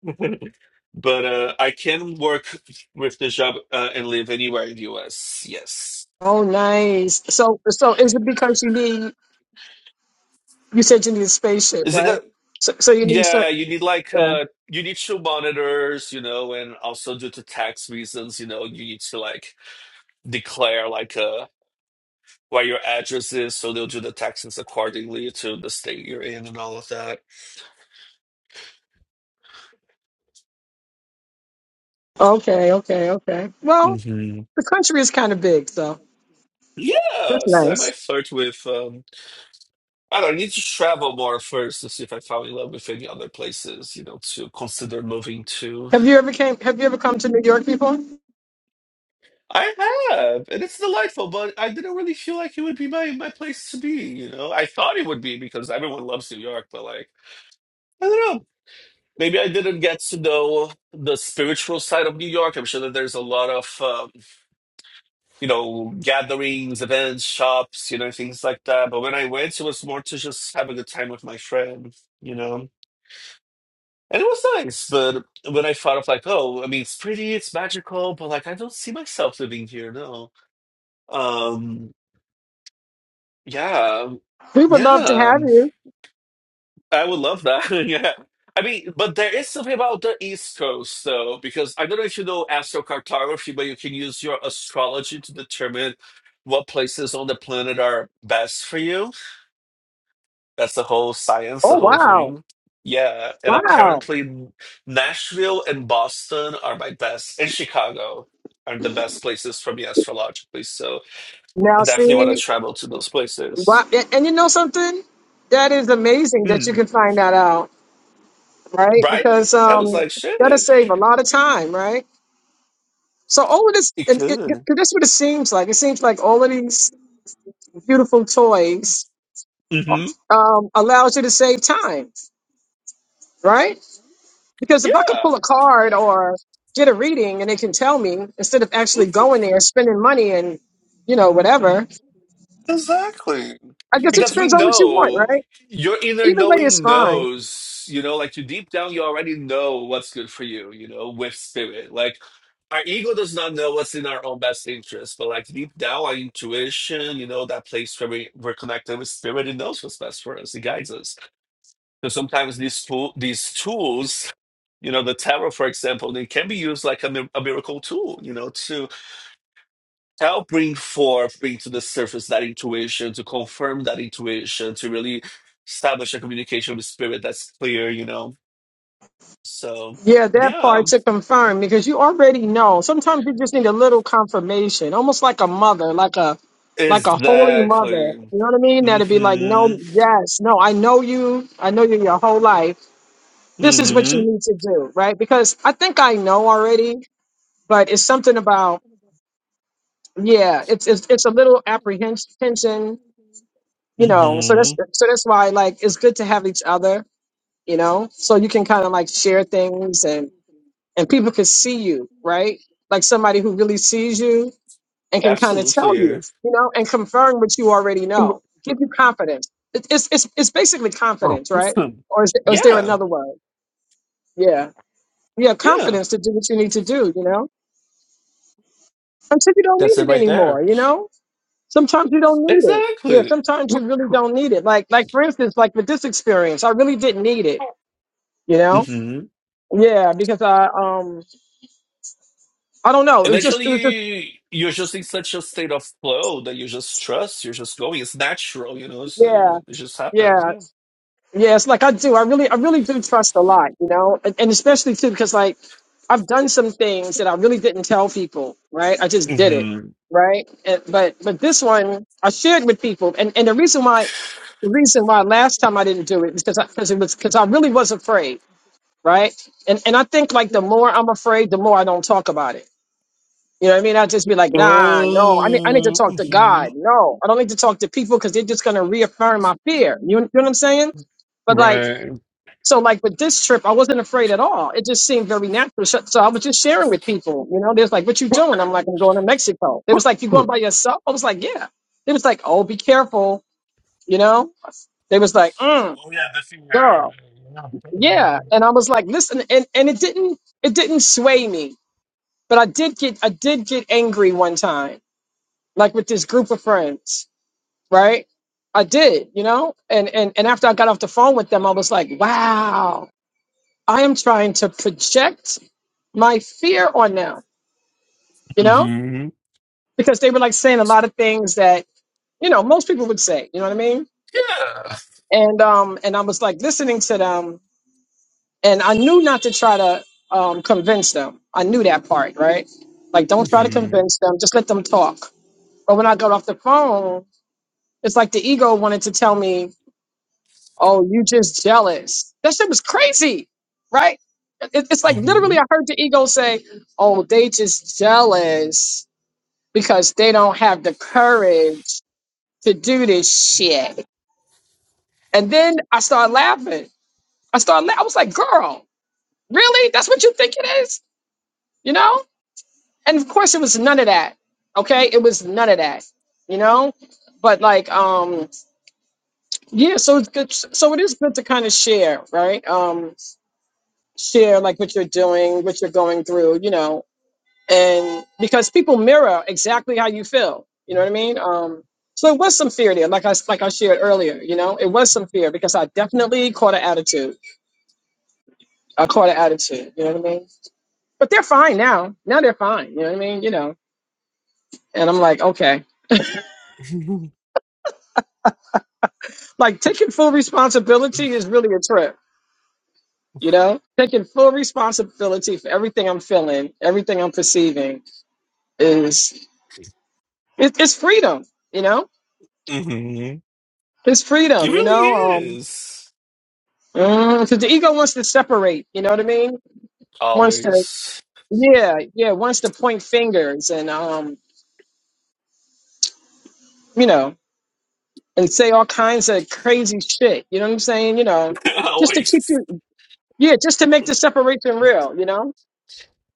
But uh, I can work with the job uh, and live anywhere in the US. Yes. Oh, nice. So, so is it because you need? You said you need a spaceship, Is it right? a, So, so you need. yeah, cer- you need like Yeah. uh you need two monitors, you know, and also due to tax reasons, you know, you need to like declare like uh where your address is so they'll do the taxes accordingly to the state you're in and all of that. Okay, okay, okay. Well, hmm the country is kind of big, so that's Yeah, so I nice. might flirt with um I don't know, I need to travel more first to see if I fell in love with any other places, you know, to consider moving to. Have you ever came? Have you ever come to New York before? I have, and it's delightful, but I didn't really feel like it would be my my place to be, you know. I thought it would be because everyone loves New York, but like, I don't know. Maybe I didn't get to know the spiritual side of New York. I'm sure that there's a lot of, um, you know, gatherings, events, shops, you know, things like that. But when I went, it was more to just have a good time with my friend, you know. And it was nice, but when I thought of like, oh, I mean, it's pretty, it's magical, but like, I don't see myself living here. No. Um. Yeah. We would love to Yeah. have you. I would love that. yeah. I mean, but there is something about the East Coast, though, because I don't know if you know astrocartography, but you can use your astrology to determine what places on the planet are best for you. That's the whole science, Oh the whole wow, thing. Yeah, and wow! apparently Nashville and Boston are my best, and Chicago are the best places for me astrologically. So I Now definitely see, want to travel to those wow, places. and, and you know something? That is amazing that you Mm, can find that out, right? right? Because I was um, like, that'll shit, save a lot of time, right? So all of this, it and it, it, could. 'cause that's what it seems like. It seems like all of these beautiful toys hmm um, allows you to save time, right? Because Yeah. if I could pull a card or get a reading and they can tell me instead of actually Mm-hmm. going there, spending money and you know whatever, Exactly. I guess it Because we depends on what you want, know right? your inner Either way is knowing fine knows, you know, like you deep down, you already know what's good for you, you know, with spirit. Like our ego does not know what's in our own best interest, but like deep down, our intuition, you know, that place where we, we're connected with spirit, it knows what's best for us. It guides us. So sometimes these tool, these tools, you know, the tarot, for example, they can be used like a, mi- a miracle tool, you know, to help bring forth, bring to the surface that intuition, to confirm that intuition, to really establish a communication with spirit that's clear, you know? So, Yeah, that part yeah, to confirm because you already know. Sometimes you just need a little confirmation, almost like a mother, like a like a holy mother. exactly. You know what I mean? That'd Mm be like, no, hmm. yes, no, I know you. I know you your whole life. This is what you Mm need to do, right? Because I think I know already, but it's something about yeah, it's it's it's a little apprehension, hmm. you know. So Mm hmm. that's so that's why like it's good to have each other, you know, so you can kind of like share things and people can see you, right? Like somebody who really sees you and can kind of tell you, Absolutely. you know, and confirm what you already know, give you confidence. It- It's it's it's basically confidence, right? Or is, or is there Yeah. another word? Yeah, yeah, Yeah. confidence to do what you need to do, you know, until you don't That's need it it right there. anymore, you know. Sometimes you don't need it. Yeah, Exactly. sometimes you really don't need it. Like like for instance, like with this experience, I really didn't need it, you know. hmm Yeah, because I um I don't know, it was Eventually, just it was just you- you're just in such a state of flow that you just trust. You're just going. It's natural, you know. It's, it yeah. just happens. Yeah, Yeah. Yes, like I do. I really, I really do trust a lot, you know, and, and especially too because like I've done some things that I really didn't tell people, right? I just did it, Mm-hmm. right? And, but but this one I shared with people, and and the reason why, the reason why last time I didn't do it is because because it was because I really was afraid, right? And and I think like the more I'm afraid, the more I don't talk about it. You know what I mean? I just be like, nah, no, I need, I need to Oh, talk to God. mhm. No, I don't need to talk to people because they're just gonna reaffirm my fear. You, you know what I'm saying? But like. Right. So, like with this trip, I wasn't afraid at all. It just seemed very natural. So, so I was just sharing with people. You know, they was like, "What you Oh doing?" I'm like, "I'm going to Mexico." They was like, "You going by yourself?" I was like, "Yeah." They was like, "Oh, be careful." You know, they was like, mm, yeah, the fear. "Girl, yeah." And I was like, "Listen," and and it didn't it didn't sway me, but I did get I did get angry one time, like with this group of friends, right? I did, you know, and and and after I got off the phone with them, I was like, "Wow." I am trying to project my fear on them, you know, Mm-hmm. because they were like saying a lot of things that, you know, most people would say, you know what I mean? Yeah. And, um, and I was like listening to them and I knew not to try to, um, convince them. I knew that part, right? Like, don't try to Mm-hmm. convince them, just let them talk. But when I got off the phone, it's like the ego wanted to tell me, oh, you just jealous. That shit was crazy, right? It- It's like Mm-hmm. literally, I heard the ego say, oh, they just jealous because they don't have the courage to do this shit. And then I started laughing. I started. La- I was like, "Girl, really? That's what you think it is?" You know? And of course, it was none of that. Okay, it was none of that. You know? But like, um, yeah. So it's good. So it is good to kind of share, right? Um, share like what you're doing, what you're going through. You know, and because people mirror exactly how you feel you know what i mean um so it was some fear there like i like i shared earlier you know it was some fear because i definitely caught an attitude i caught an attitude you know what i mean but they're fine now now they're fine you know what i mean you know and i'm like okay like taking full responsibility is really a trip you know taking full responsibility for everything i'm feeling everything i'm perceiving is it, it's freedom you know Mm-hmm. it's It freedom you really know Um, is. Because the ego wants to separate, you know what I mean? Wants to, Always. yeah, yeah, wants to point fingers and, um, you know, and say all kinds of crazy shit. You know what I'm saying? You know, just to keep Always. you, yeah, just to make the separation real. You know,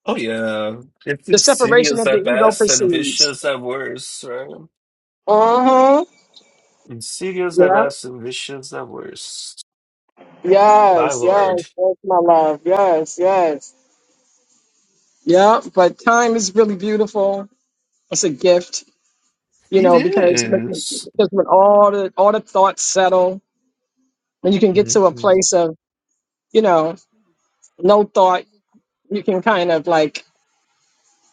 Oh yeah. It's the separation insidious that the at ego best and perceives. vicious at worst, right? Uh huh. Insidious at Yeah. best and vicious at worst. My Yes. Yes. lord. Yes, my love. Yes. Yes. Yeah. But time is really beautiful. It's a gift. You It know, because is. because when all the all the thoughts settle when you can get to a Mm-hmm. place of you know no thought you can kind of like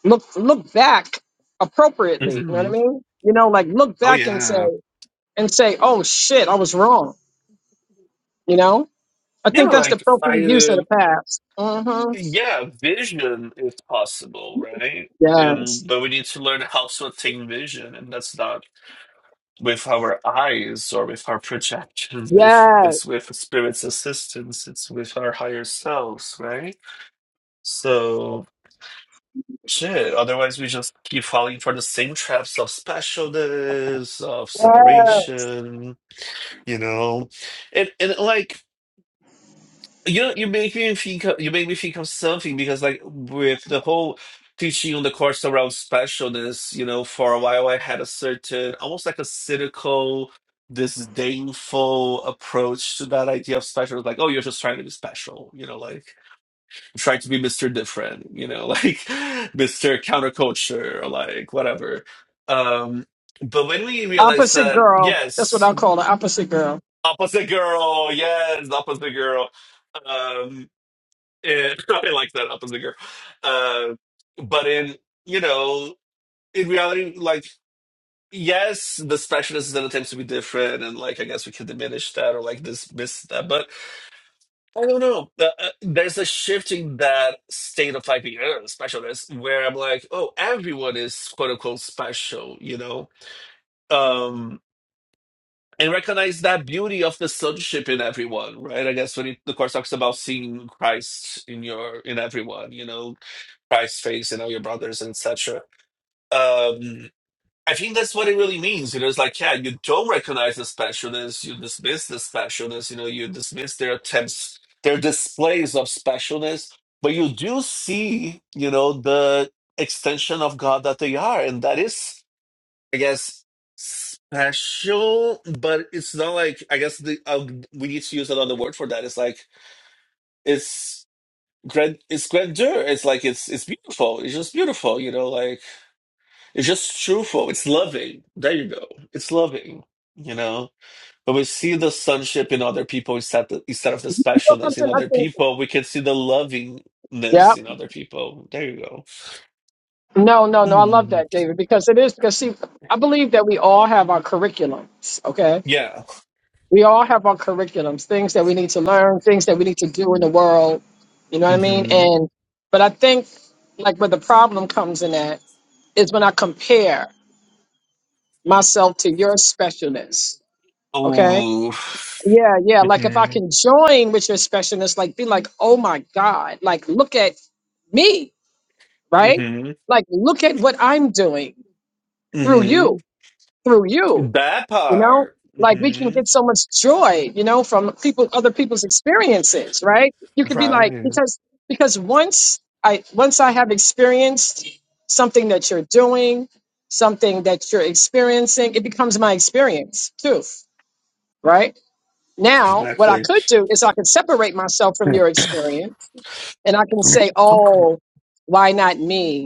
look look back appropriately you know what Mm-hmm. i mean you know like look Oh back and say yeah. and say oh shit i was wrong you know i Yeah, think that's the like I, appropriate use of uh, the past mm-hmm. yeah, vision is possible, right? yes And but we need to learn how to attain vision, and that's not with our eyes or with our projections. If yeah it's with spirit's assistance, it's with our higher selves, right? So shit. Otherwise, we just keep falling for the same traps of specialness, of yeah separation, you know, and and like. You know, you make me think of, you make me think of something because like with the whole teaching on the course around specialness, you know, for a while I had a certain almost like a cynical, disdainful approach to that idea of special. Like, oh, you're just trying to be special, you know, like you're trying to be Mr. Different, you know, like Mr. Counterculture or like whatever. Um, but when we realized opposite that, girl that's what yes, i call the opposite girl opposite girl, yes, opposite girl. Um, and I like that Oppenheimer. Uh, but in you know, in reality, like yes, the specialist then attempts to be different, and like I guess we can diminish that or like dismiss that. But I don't know. Uh, uh, there's a shifting that state of like being uh, specialist, where I'm like, oh, everyone is quote unquote special, you know. Um, and recognize that beauty of the sonship in everyone, right? I guess when it, the course talks about seeing Christ in your in everyone, you know, Christ face you know your brothers, etc. Um, I think that's what it really means. You know, it's like, yeah, you don't recognize the specialness, you dismiss the specialness, you know, you dismiss their attempts, their displays of specialness, but you do see, you know, the extension of God that they are. And that is, I guess, special, but it's not like, I guess the, uh, we need to use another word for that. It's like, it's grand, it's grandeur. It's like, it's, it's beautiful. It's just beautiful, you know, like, it's just truthful. It's loving. There you go. It's loving, you know. When we see the sonship in other people instead of, instead of the you know specialness in something i other think people, we can see the lovingness yep in other people. There you go. no no no i love Mhm. that david because it is because see i believe that we all have our curriculums okay Yeah. We all have our curriculums, things that we need to learn, things that we need to do in the world. You know what I mean? hmm And but I think like where the problem comes in at is when I compare myself to your specialness. Okay. Oh. Yeah, yeah. Like if I hmm can join with your specialness, like be like, oh my God, like look at me, right? hmm Like look at what I'm doing through hmm you, through you. That you know part. like we can hmm get so much joy you know from people other people's experiences right you could be like Right. because because once i once i have experienced something that you're doing something that you're experiencing it becomes my experience too right now what i Exactly. could do is i could separate myself hmm from your experience and i can say oh why not me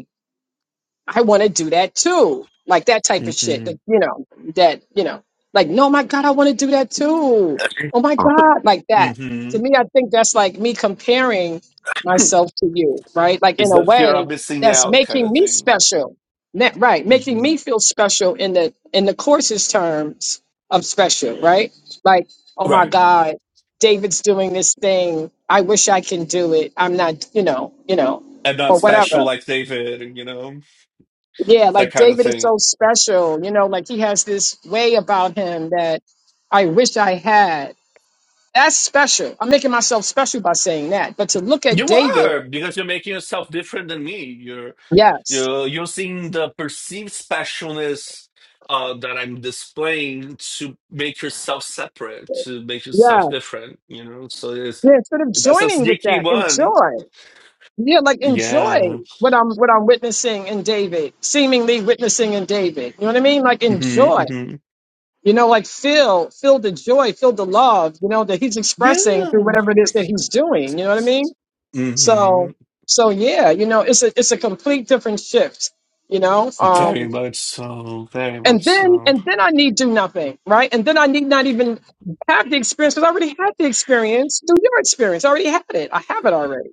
I want to do that too. Like that type of shit. That, hmm you know, that, you know, like, no, my God, I want to do that too. Oh my God, like that. To me, I think that's like me comparing myself to you, right? Like in It's a the fear of way missing that's out kind making of me thing. special. Ne- Right. Making Mm-hmm. me feel special in the, in the course's terms of special, right? Like, oh my Right. God, David's doing this thing. I wish I can do it. I'm not, you know, you know, And not or whatever special like David, you know, yeah, that like kind of David is thing. so special, you know, like he has this way about him that I wish I had. That's special. I'm making myself special by saying that. But to look at You David, are, because you're making yourself different than me. You're yes, you're you're seeing the perceived specialness uh, that I'm displaying to make yourself separate, to make yourself yeah, different, you know. So it's yeah. Instead of that's a joining with sneaky that, one. enjoy. Yeah, like enjoy Yeah. what I'm what I'm witnessing in David, seemingly witnessing in David. You know what I mean? Like enjoy. Mm-hmm, hmm You know, like feel feel the joy, feel the love. You know that he's expressing through Yeah. whatever it is that he's doing. You know what I mean? hmm So so yeah, you know, it's a it's a complete different shift, you know. Very Um much so. Very and much then so. and then I need do nothing, right? And then I need not even have the experience because I already had the experience. Do your experience. I already had it. I have it already.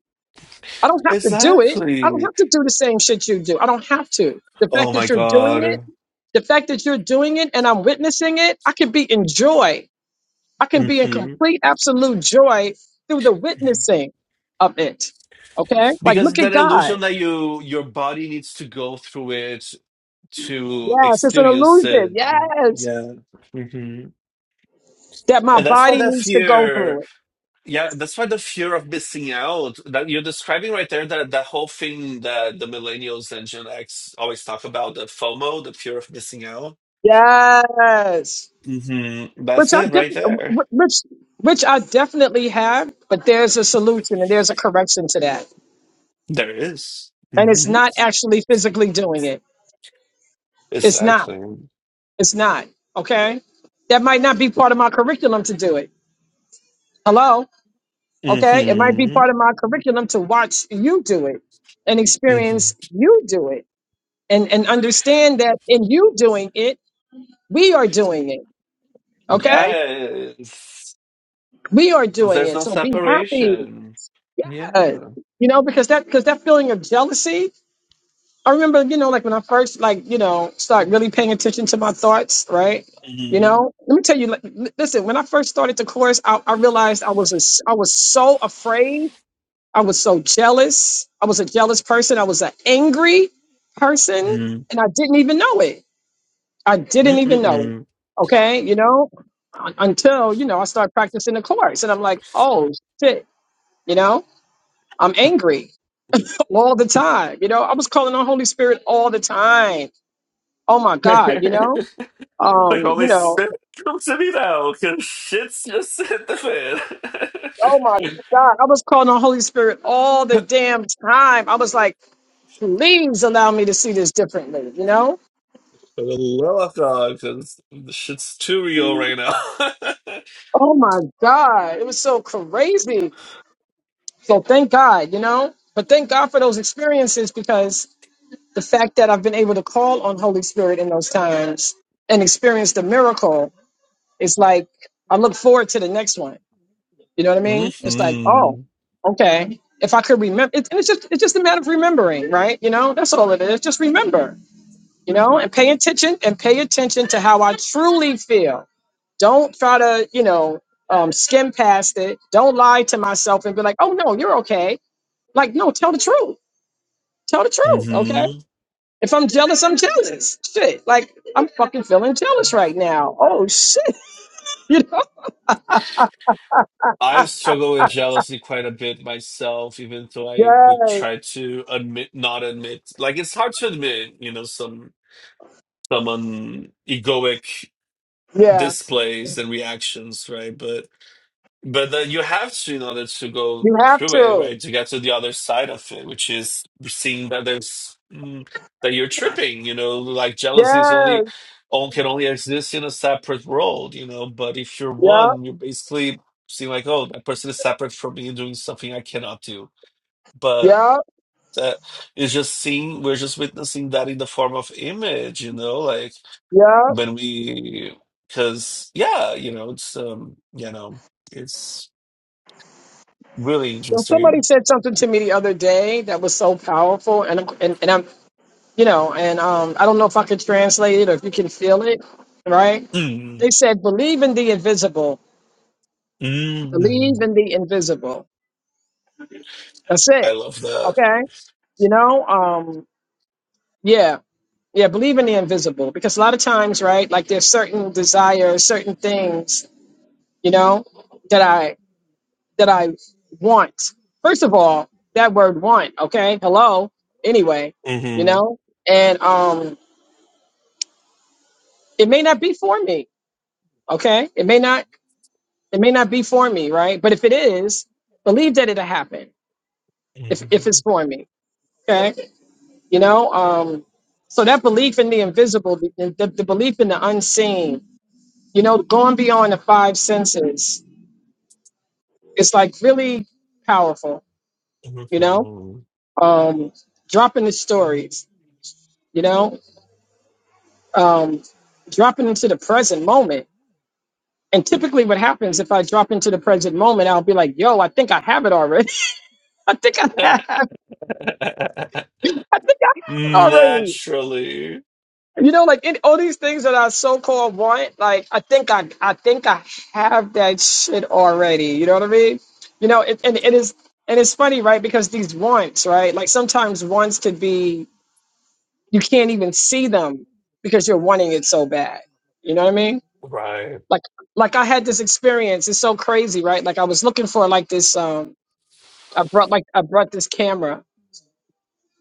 I don't have to do it. I don't Exactly. have to do the same shit you do. I don't have to. The fact Oh my that you're doing it, God. the fact that you're doing it and I'm witnessing it, I can be in joy. I can be in Mm-hmm. complete absolute joy through the witnessing of it. Okay? Like Because look it's at an God. illusion that you your body needs to go through it to Yes, it's an experience illusion. it. Yes, Yeah. hmm that my And that's why body that needs to go fear, through it. yeah, that's why the fear of missing out that you're describing right there, that that whole thing that the millennials and Gen X always talk about, the FOMO, the fear of missing out. Yes, hmm which That's I it def- right there. which which I definitely have, but there's a solution and there's a correction to that, There is. and it's Mm-hmm. not actually physically doing it. It's not. Exactly. It's not. Okay, that might not be part of my curriculum to do it. Hello. Okay, it might be Mm-hmm. part of my curriculum to watch you do it and Mm-hmm. experience you do it and and understand that in you doing it, we are doing it Okay? Yes. We are Because doing there's it. no So be happy. separation. Yeah. Yes. You know, because that because that feeling of jealousy, I remember, you know, like when I first like, you know, start really paying attention to my thoughts, right? You Mhm. know, let me tell you, like, li- listen, when I first started the course, I, I realized I was a s I was so afraid. I was so jealous. I was a jealous person. I was an angry person Mhm. and I didn't even know it. I didn't even know. it. Mm-mm-mm. Okay, you know, un- until you know I started practicing the chorus, and I'm like, oh shit, you know, I'm angry all the time. You know, I was calling on Holy Spirit all the time. Oh my God, you know, like um, you Holy know, Spirit comes to me now, because shit's just hit the fan. oh my God, I was calling on Holy Spirit all the damn time. I was like, please allow me to see this differently. You know, For the love of God, because the shit's too real right now. oh my God, it was so crazy. So thank God, you know, but thank God for those experiences because the fact that I've been able to call on Holy Spirit in those times and experience the miracle its like I look forward to the next one. You know what I mean? It's like, oh, hmm okay. If I could remember, it's and it's just it's just a matter of remembering, right? You know, that's all it is. Just remember, you know, and pay attention and pay attention to how I truly feel. Don't try to, you know, um, skim past it. Don't lie to myself and be like, oh no, you're okay. Like, no, tell the truth. Tell the truth, okay? hmm If I'm jealous, I'm jealous. Shit. Like I'm fucking feeling jealous right now. Oh shit. You know? I I- struggle with jealousy quite a bit myself, even though I Yeah, would try to admit, not admit. Like it's hard to admit, you know, some. someone egoic yeah. displays and reactions, right? But but that you have to in order to go You have through it, to. right? To get to the other side of it, which is seeing that there's mm, that you're tripping, you know, like jealousy is only Yes. on can only exist in a separate world, you know. But if you're Yeah. one, you're basically seeing like, oh, that person is separate from me and doing something I cannot do. But Yeah. that is just seeing we're just witnessing that in the form of image, you know, like Yeah. when we because yeah you know it's um you know it's really So somebody interesting said something to me the other day that was so powerful and I'm- and, and I'm you know, and um I don't know if I could translate it or if you can feel it, right? mm They said believe in the invisible. Believe mm in the invisible. That's i it. love that Okay? You know, um yeah. Yeah, believe in the invisible because a lot of times, right? Like there's certain desires, certain things, you know, that I that I want. First of all, that word want, okay? Hello. Anyway, you hmm know? And um it may not be for me, okay? It may not it may not be for me, right? But if it is, believe that it'll happen if if it's for me, okay? You know, um so that belief in the invisible, the, the the belief in the unseen You know, going beyond the five senses, it's like really powerful, you know? Um, dropping the stories, you know, um, dropping into the present moment. And typically, what happens if I drop into the present moment, I'll be like, yo, I think I have it already. I think I have, I think I have it already. naturally You know, like in all these things that I so called want, like I think I I think I have that shit already. You know what I mean? You know, it, and it is and it's funny, right? Because these wants, right? Like sometimes wants could be you can't even see them because you're wanting it so bad. You know what I mean? right Like like I had this experience. It's so crazy, right? Like I was looking for like this um I brought like I brought this camera,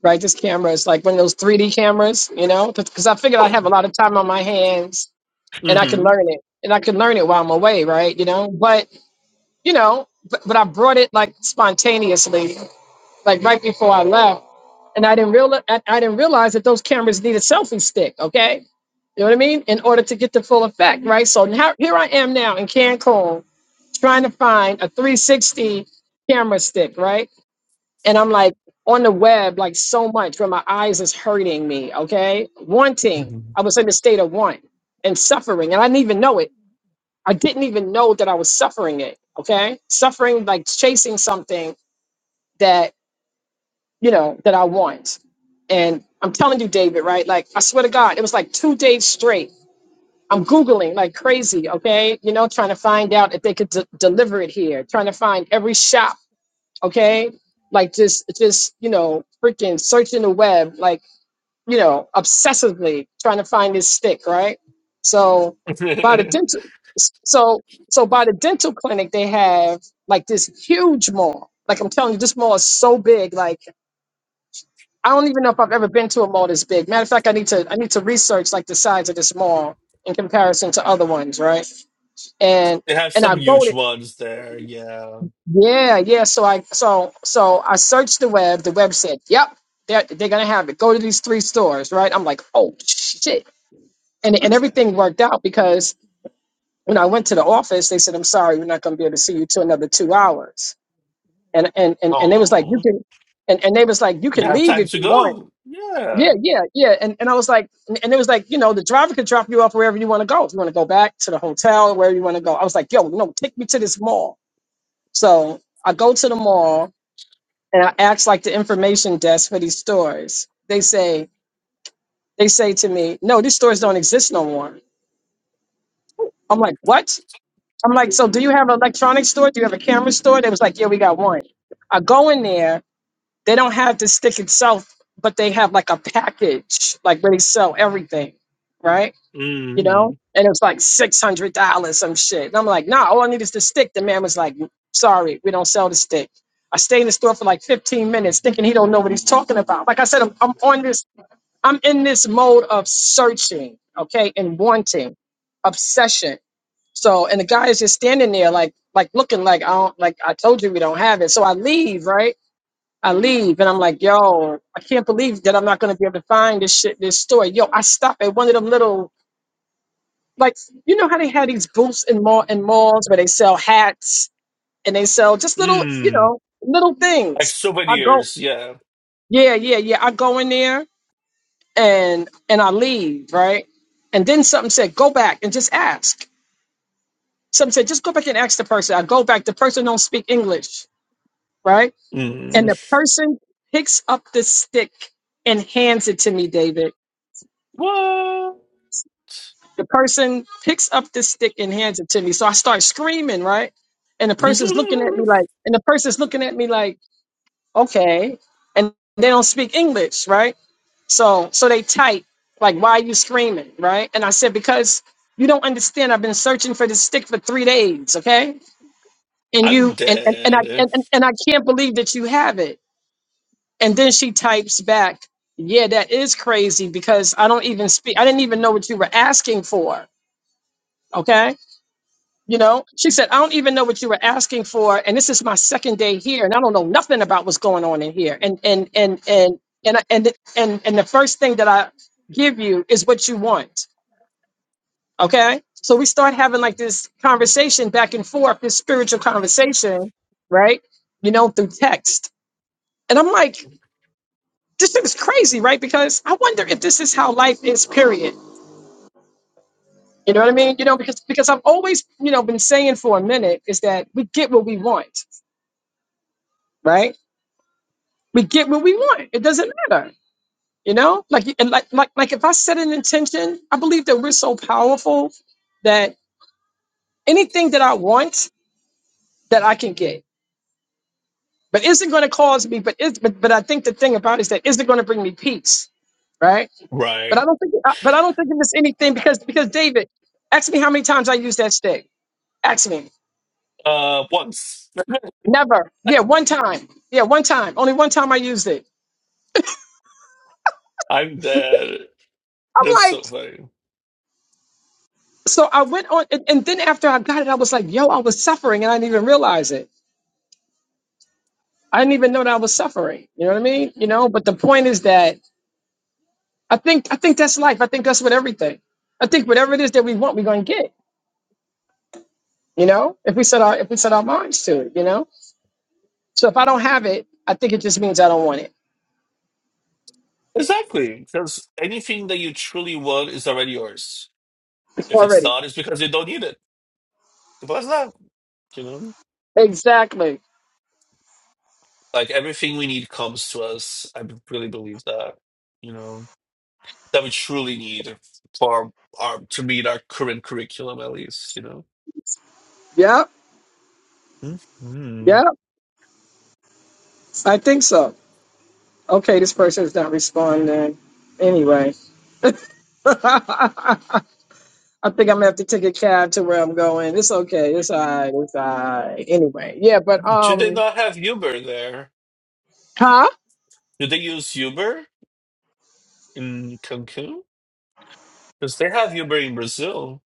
right? This camera is like one of those 3D cameras, you know, because I figured I would hmm have a lot of time on my hands and I can learn it and I can learn it while I'm away, right? You know, but you know, but, but I brought it like spontaneously, like right before I left, and I didn't realize I, I didn't realize that those cameras need a selfie stick. Okay, you know what I mean? In order to get the full effect, right? So now here I am now in Cancun trying to find a 360 camera stick, right? And I'm like on the web, like so much where my eyes is hurting me, okay? Wanting. I was in a state of want and suffering, and I didn't even know it I didn't even know that I was suffering it. Okay. Suffering like chasing something that, you know, that I want. And I'm telling you, David, right? Like, I swear to God, it was like two days straight. I'm Googling like crazy. Okay. You know, trying to find out if they could de- deliver it here, trying to find every shop. Okay. Like, just, just, you know, freaking searching the web. Like, you know, obsessively trying to find this stick, right? So by the they dental, so so by the dental clinic, they have like this huge mall. Like I'm telling you, this mall is so big. Like I don't even know if I've ever been to a mall this big. Matter of fact, I need to I need to research like the size of this mall in comparison to other ones, right? And have and I some go huge to ones there yeah yeah yeah. So I so so I searched the web. The web said, yep, they're they're gonna have it. Go to these three stores, right? I'm like, oh shit. and and everything worked out because when I went to the office, they said, "I'm sorry, we're not going to be able to see you to another two hours." And and and and they was like, "You oh can," and and they was like, "You you can have leave time if to you want." go yeah Yeah, yeah, yeah. And and I was like, and and it was like, you know, the driver could drop you off wherever you want to go. If you want to go back to the hotel, wherever you want to go. I was like, yo, no, take me to this mall. So I go to the mall and I ask like the information desk for these stores. They say they say to me, no, these stores don't exist no more. I'm like, what? I'm like, so do you have an electronics store? Do you have a camera store? They was like, yeah, we got one. I go in there. They don't have the stick itself, but they have like a package, like where they sell everything, right? You hmm know? And it was like six hundred dollars, some shit. And I'm like, nah, all I need is the stick. The man was like, sorry, we don't sell the stick. I stay in the store for like 15 minutes thinking he don't know what he's talking about. Like I said, I'm, I'm on this I'm in this mode of searching, okay, and wanting, obsession. So, and the guy is just standing there, like, like looking like I don't, like I told you we don't have it. So I leave, right? I leave, and I'm like, yo, I can't believe that I'm not gonna be able to find this shit, this store. Yo, I stop at one of them little, like, you know how they had these booths in mall in malls where they sell hats and they sell just little, you mm know, little like things. I go, souvenirs yeah yeah, yeah, yeah. I go in there. and and I leave, right? And then something said, go back and just ask. Something said, just go back and ask the person. I go back. The person don't speak English, right? Mm-hmm. And the person picks up the stick and hands it to me, David. What? The person picks up the stick and hands it to me. So I start screaming, right? And the person's looking at me like, and the person's looking at me like, okay and they don't speak english right so so they type like why are you screaming right and i said because you don't understand i've been searching for this stick for three days okay and I'm you and and, and i dead. and, and and i can't believe that you have it and then she types back yeah that is crazy because i don't even speak i didn't even know what you were asking for okay you know, she said, I don't even know what you were asking for. And this is my second day here. And I don't know nothing about what's going on in here. And, and, and, and, and, and, and, and the first thing that I give you is what you want. Okay. So we start having like this conversation back and forth, this spiritual conversation, right? You know, through text. And I'm like, this thing is crazy, right? Because I wonder if this is how life is, period. You know what I mean? You know, because because I've always, you know, been saying for a minute is that we get what we want, right? we get what we want. It doesn't matter, you know. Like and like like like if I set an intention, I believe that we're so powerful that anything that I want that I can get. But is it going to cause me? But is but, but I think the thing about it is that is it going to bring me peace, right? But I Right. don't think I- but I don't think it's anything because because David, ask me how many times I used that stick. Ask me. Uh, once. Never. Yeah, one time. Yeah, one time. Only one time I used it. I'm dead. That's I'm like. so funny. So I went on, and, and then after I got it, I was like, yo, I was suffering and I didn't even realize it. I didn't even know that I was suffering. You know what I mean? You know, but the point is that I think I think that's life. I think that's with everything. I think whatever it is that we want, we're gonna get, you know, if we set our if we set our minds to it, you know. So if I don't have it, I think it just means I don't want it Exactly, because anything that you truly want is already yours. If it's already. not, it's because you don't need it. Simple as that, you know? Exactly. Like everything we need comes to us. I really believe that, you know, that we truly need for our to meet our current curriculum at least, you know? Yep, hmm yep. I think so. Okay, this person is not responding. Anyway. I think I'm gonna have to take a cab to where I'm going. It's okay. It's all right. It's all right. Anyway, yeah, but Do they um, not have Uber there? huh? Do they use Uber in Cancun? Because they have Uber in Brazil.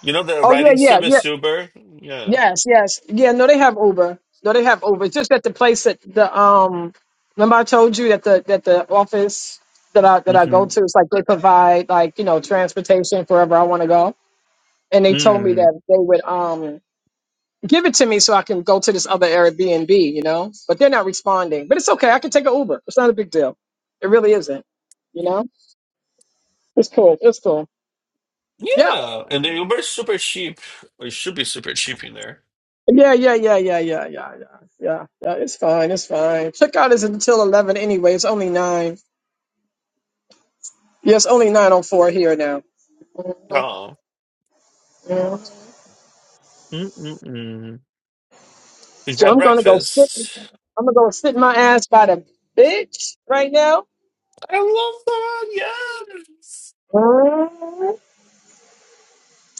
You know the Oh yeah, riding yeah, yeah, service Uber? Yeah. yes, yes, yeah. No, they have Uber. No, they have Uber. just at the place that the um, remember I told you that the that the office that I that I go hmm to, it's like they provide like you know transportation for wherever I want to go, and they told me Mm. that they would um give it to me so I can go to this other Airbnb, you know? But they're not responding. But it's okay. I can take an Uber. It's not a big deal. It really isn't, you know? It's cool. It's cool. Yeah. Yeah. And the Uber is super cheap. Or it should be super cheap in there. Yeah, yeah, yeah, yeah, yeah, yeah, yeah, yeah, yeah. It's fine. It's fine. Checkout is until 11 anyway. It's only 9. Yeah, it's only nine on four here now. Oh. Yeah. Mm-mm-mm. We So had I'm going to go sit. breakfast. I'm going to go sit my ass by the bitch right now. I love that. Yes.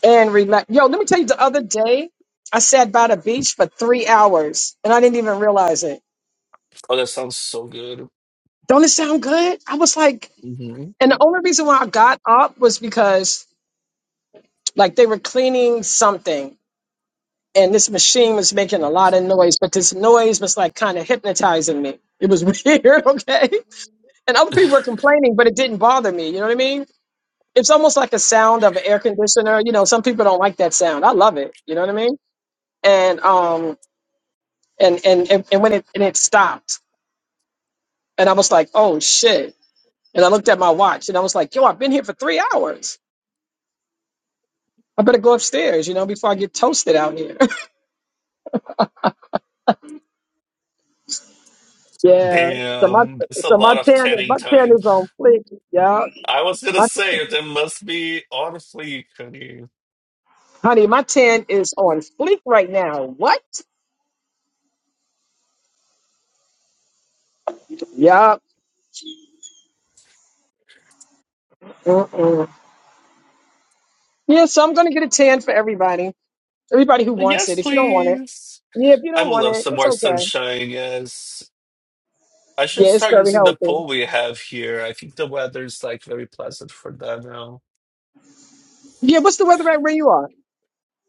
and relax. Yo, let me tell you, the other day I sat by the beach for three hours and I didn't even realize it. Oh, that sounds so good. Don't it sound good? I was like, hmm and the only reason why I got up was because like they were cleaning something and this machine was making a lot of noise, but this noise was like kind of hypnotizing me. It was weird, okay? And other people were complaining, but it didn't bother me. You know what I mean? It's almost like a sound of an air conditioner. You know, some people don't like that sound. I love it. You know what I mean? And um, and and and, and when it and it stopped and i was like oh shit and i looked at my watch and i was like yo i've been here for three hours i better go upstairs you know before i get toasted out here yeah so my Damn, that's a so my lot of tan tanning my tan time. is on fleek yeah I was gonna my say there must be honestly, honey my tan is on fleek right now what yeah Mm-mm. yeah so i'm gonna get a tan for everybody everybody who wants Yes, it if you don't want it please. yeah if you I don't would want love it some it's more okay sunshine. Yes. I should yeah it's start very using the healthy pool we have here. I think the weather is like very pleasant for that now. yeah what's the weather at where you are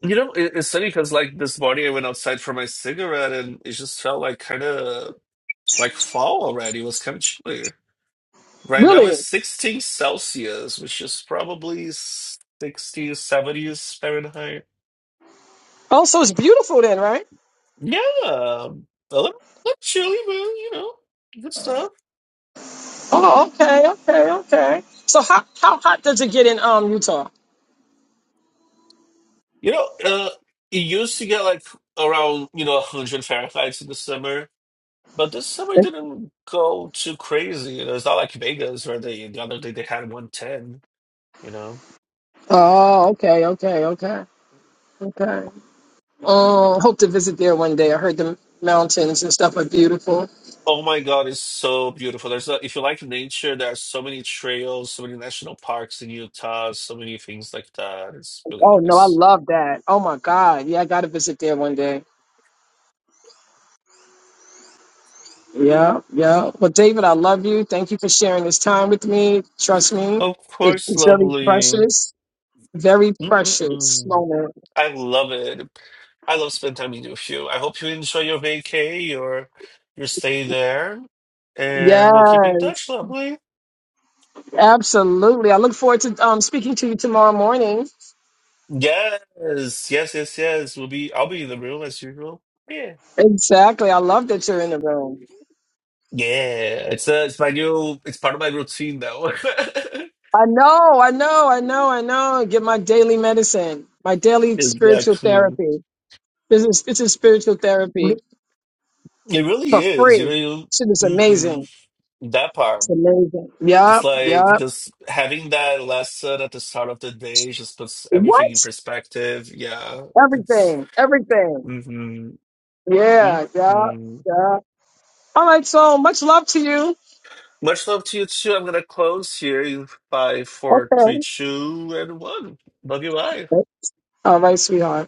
You know, it, it's funny because like this morning I went outside for my cigarette and it just felt like kind of like fall already. It was kind of chilly. Right now it's really 16 Celsius, which is probably 60s, 70s Fahrenheit. Oh, so it's beautiful then, right? Yeah, a little, a little chilly, but you know, good stuff. Oh, okay, okay, okay. So how how hot does it get in um Utah? You know, uh, it used to get like around, you know, 100 Fahrenheit in the summer, but this summer didn't go too crazy. You know, it's not like Vegas where they, the other day they had 110, you know. Oh, okay, okay, okay, okay. Um, hope to visit there one day. I heard the mountains and stuff are beautiful. Oh my God, it's so beautiful. There's a, if you like nature, there are so many trails, so many national parks in Utah, so many things like that. It's really Oh no, I nice. love that. Oh my God, yeah, I gotta visit there one day. Yeah, yeah. Well, David, I love you. Thank you for sharing this time with me. Trust me, Of it's course, it's very lovely. precious, very precious Mm-mm-mm. moment. I love it. I love spending time with you. I hope you enjoy your vacay, your your stay there, and we'll keep in Yes, touch, lovely. Absolutely. I look forward to um, speaking to you tomorrow morning. Yes, yes, yes, yes. We'll be. I'll be in the room as usual. Yeah, Exactly. I love that you're in the room. yeah. It's uh, it's my new. It's part of my routine now. I know, I know, I know, I know. Get my daily medicine, my daily spiritual exactly. therapy. This is this is spiritual therapy It for really is. You free. know, Shit is you, hmm amazing. that part. It's amazing. It's Yup, like yup. just having that lesson at the start of the day just puts everything What? in perspective. Yeah, it's. Everything. Everything. Mm-hmm. Yeah, yeah, Mm-hmm. yeah. All right, so much love to you. Much love to you too. I'm gonna close here in five, four, three, Okay. two, and one. Love you. Bye. All right, sweetheart.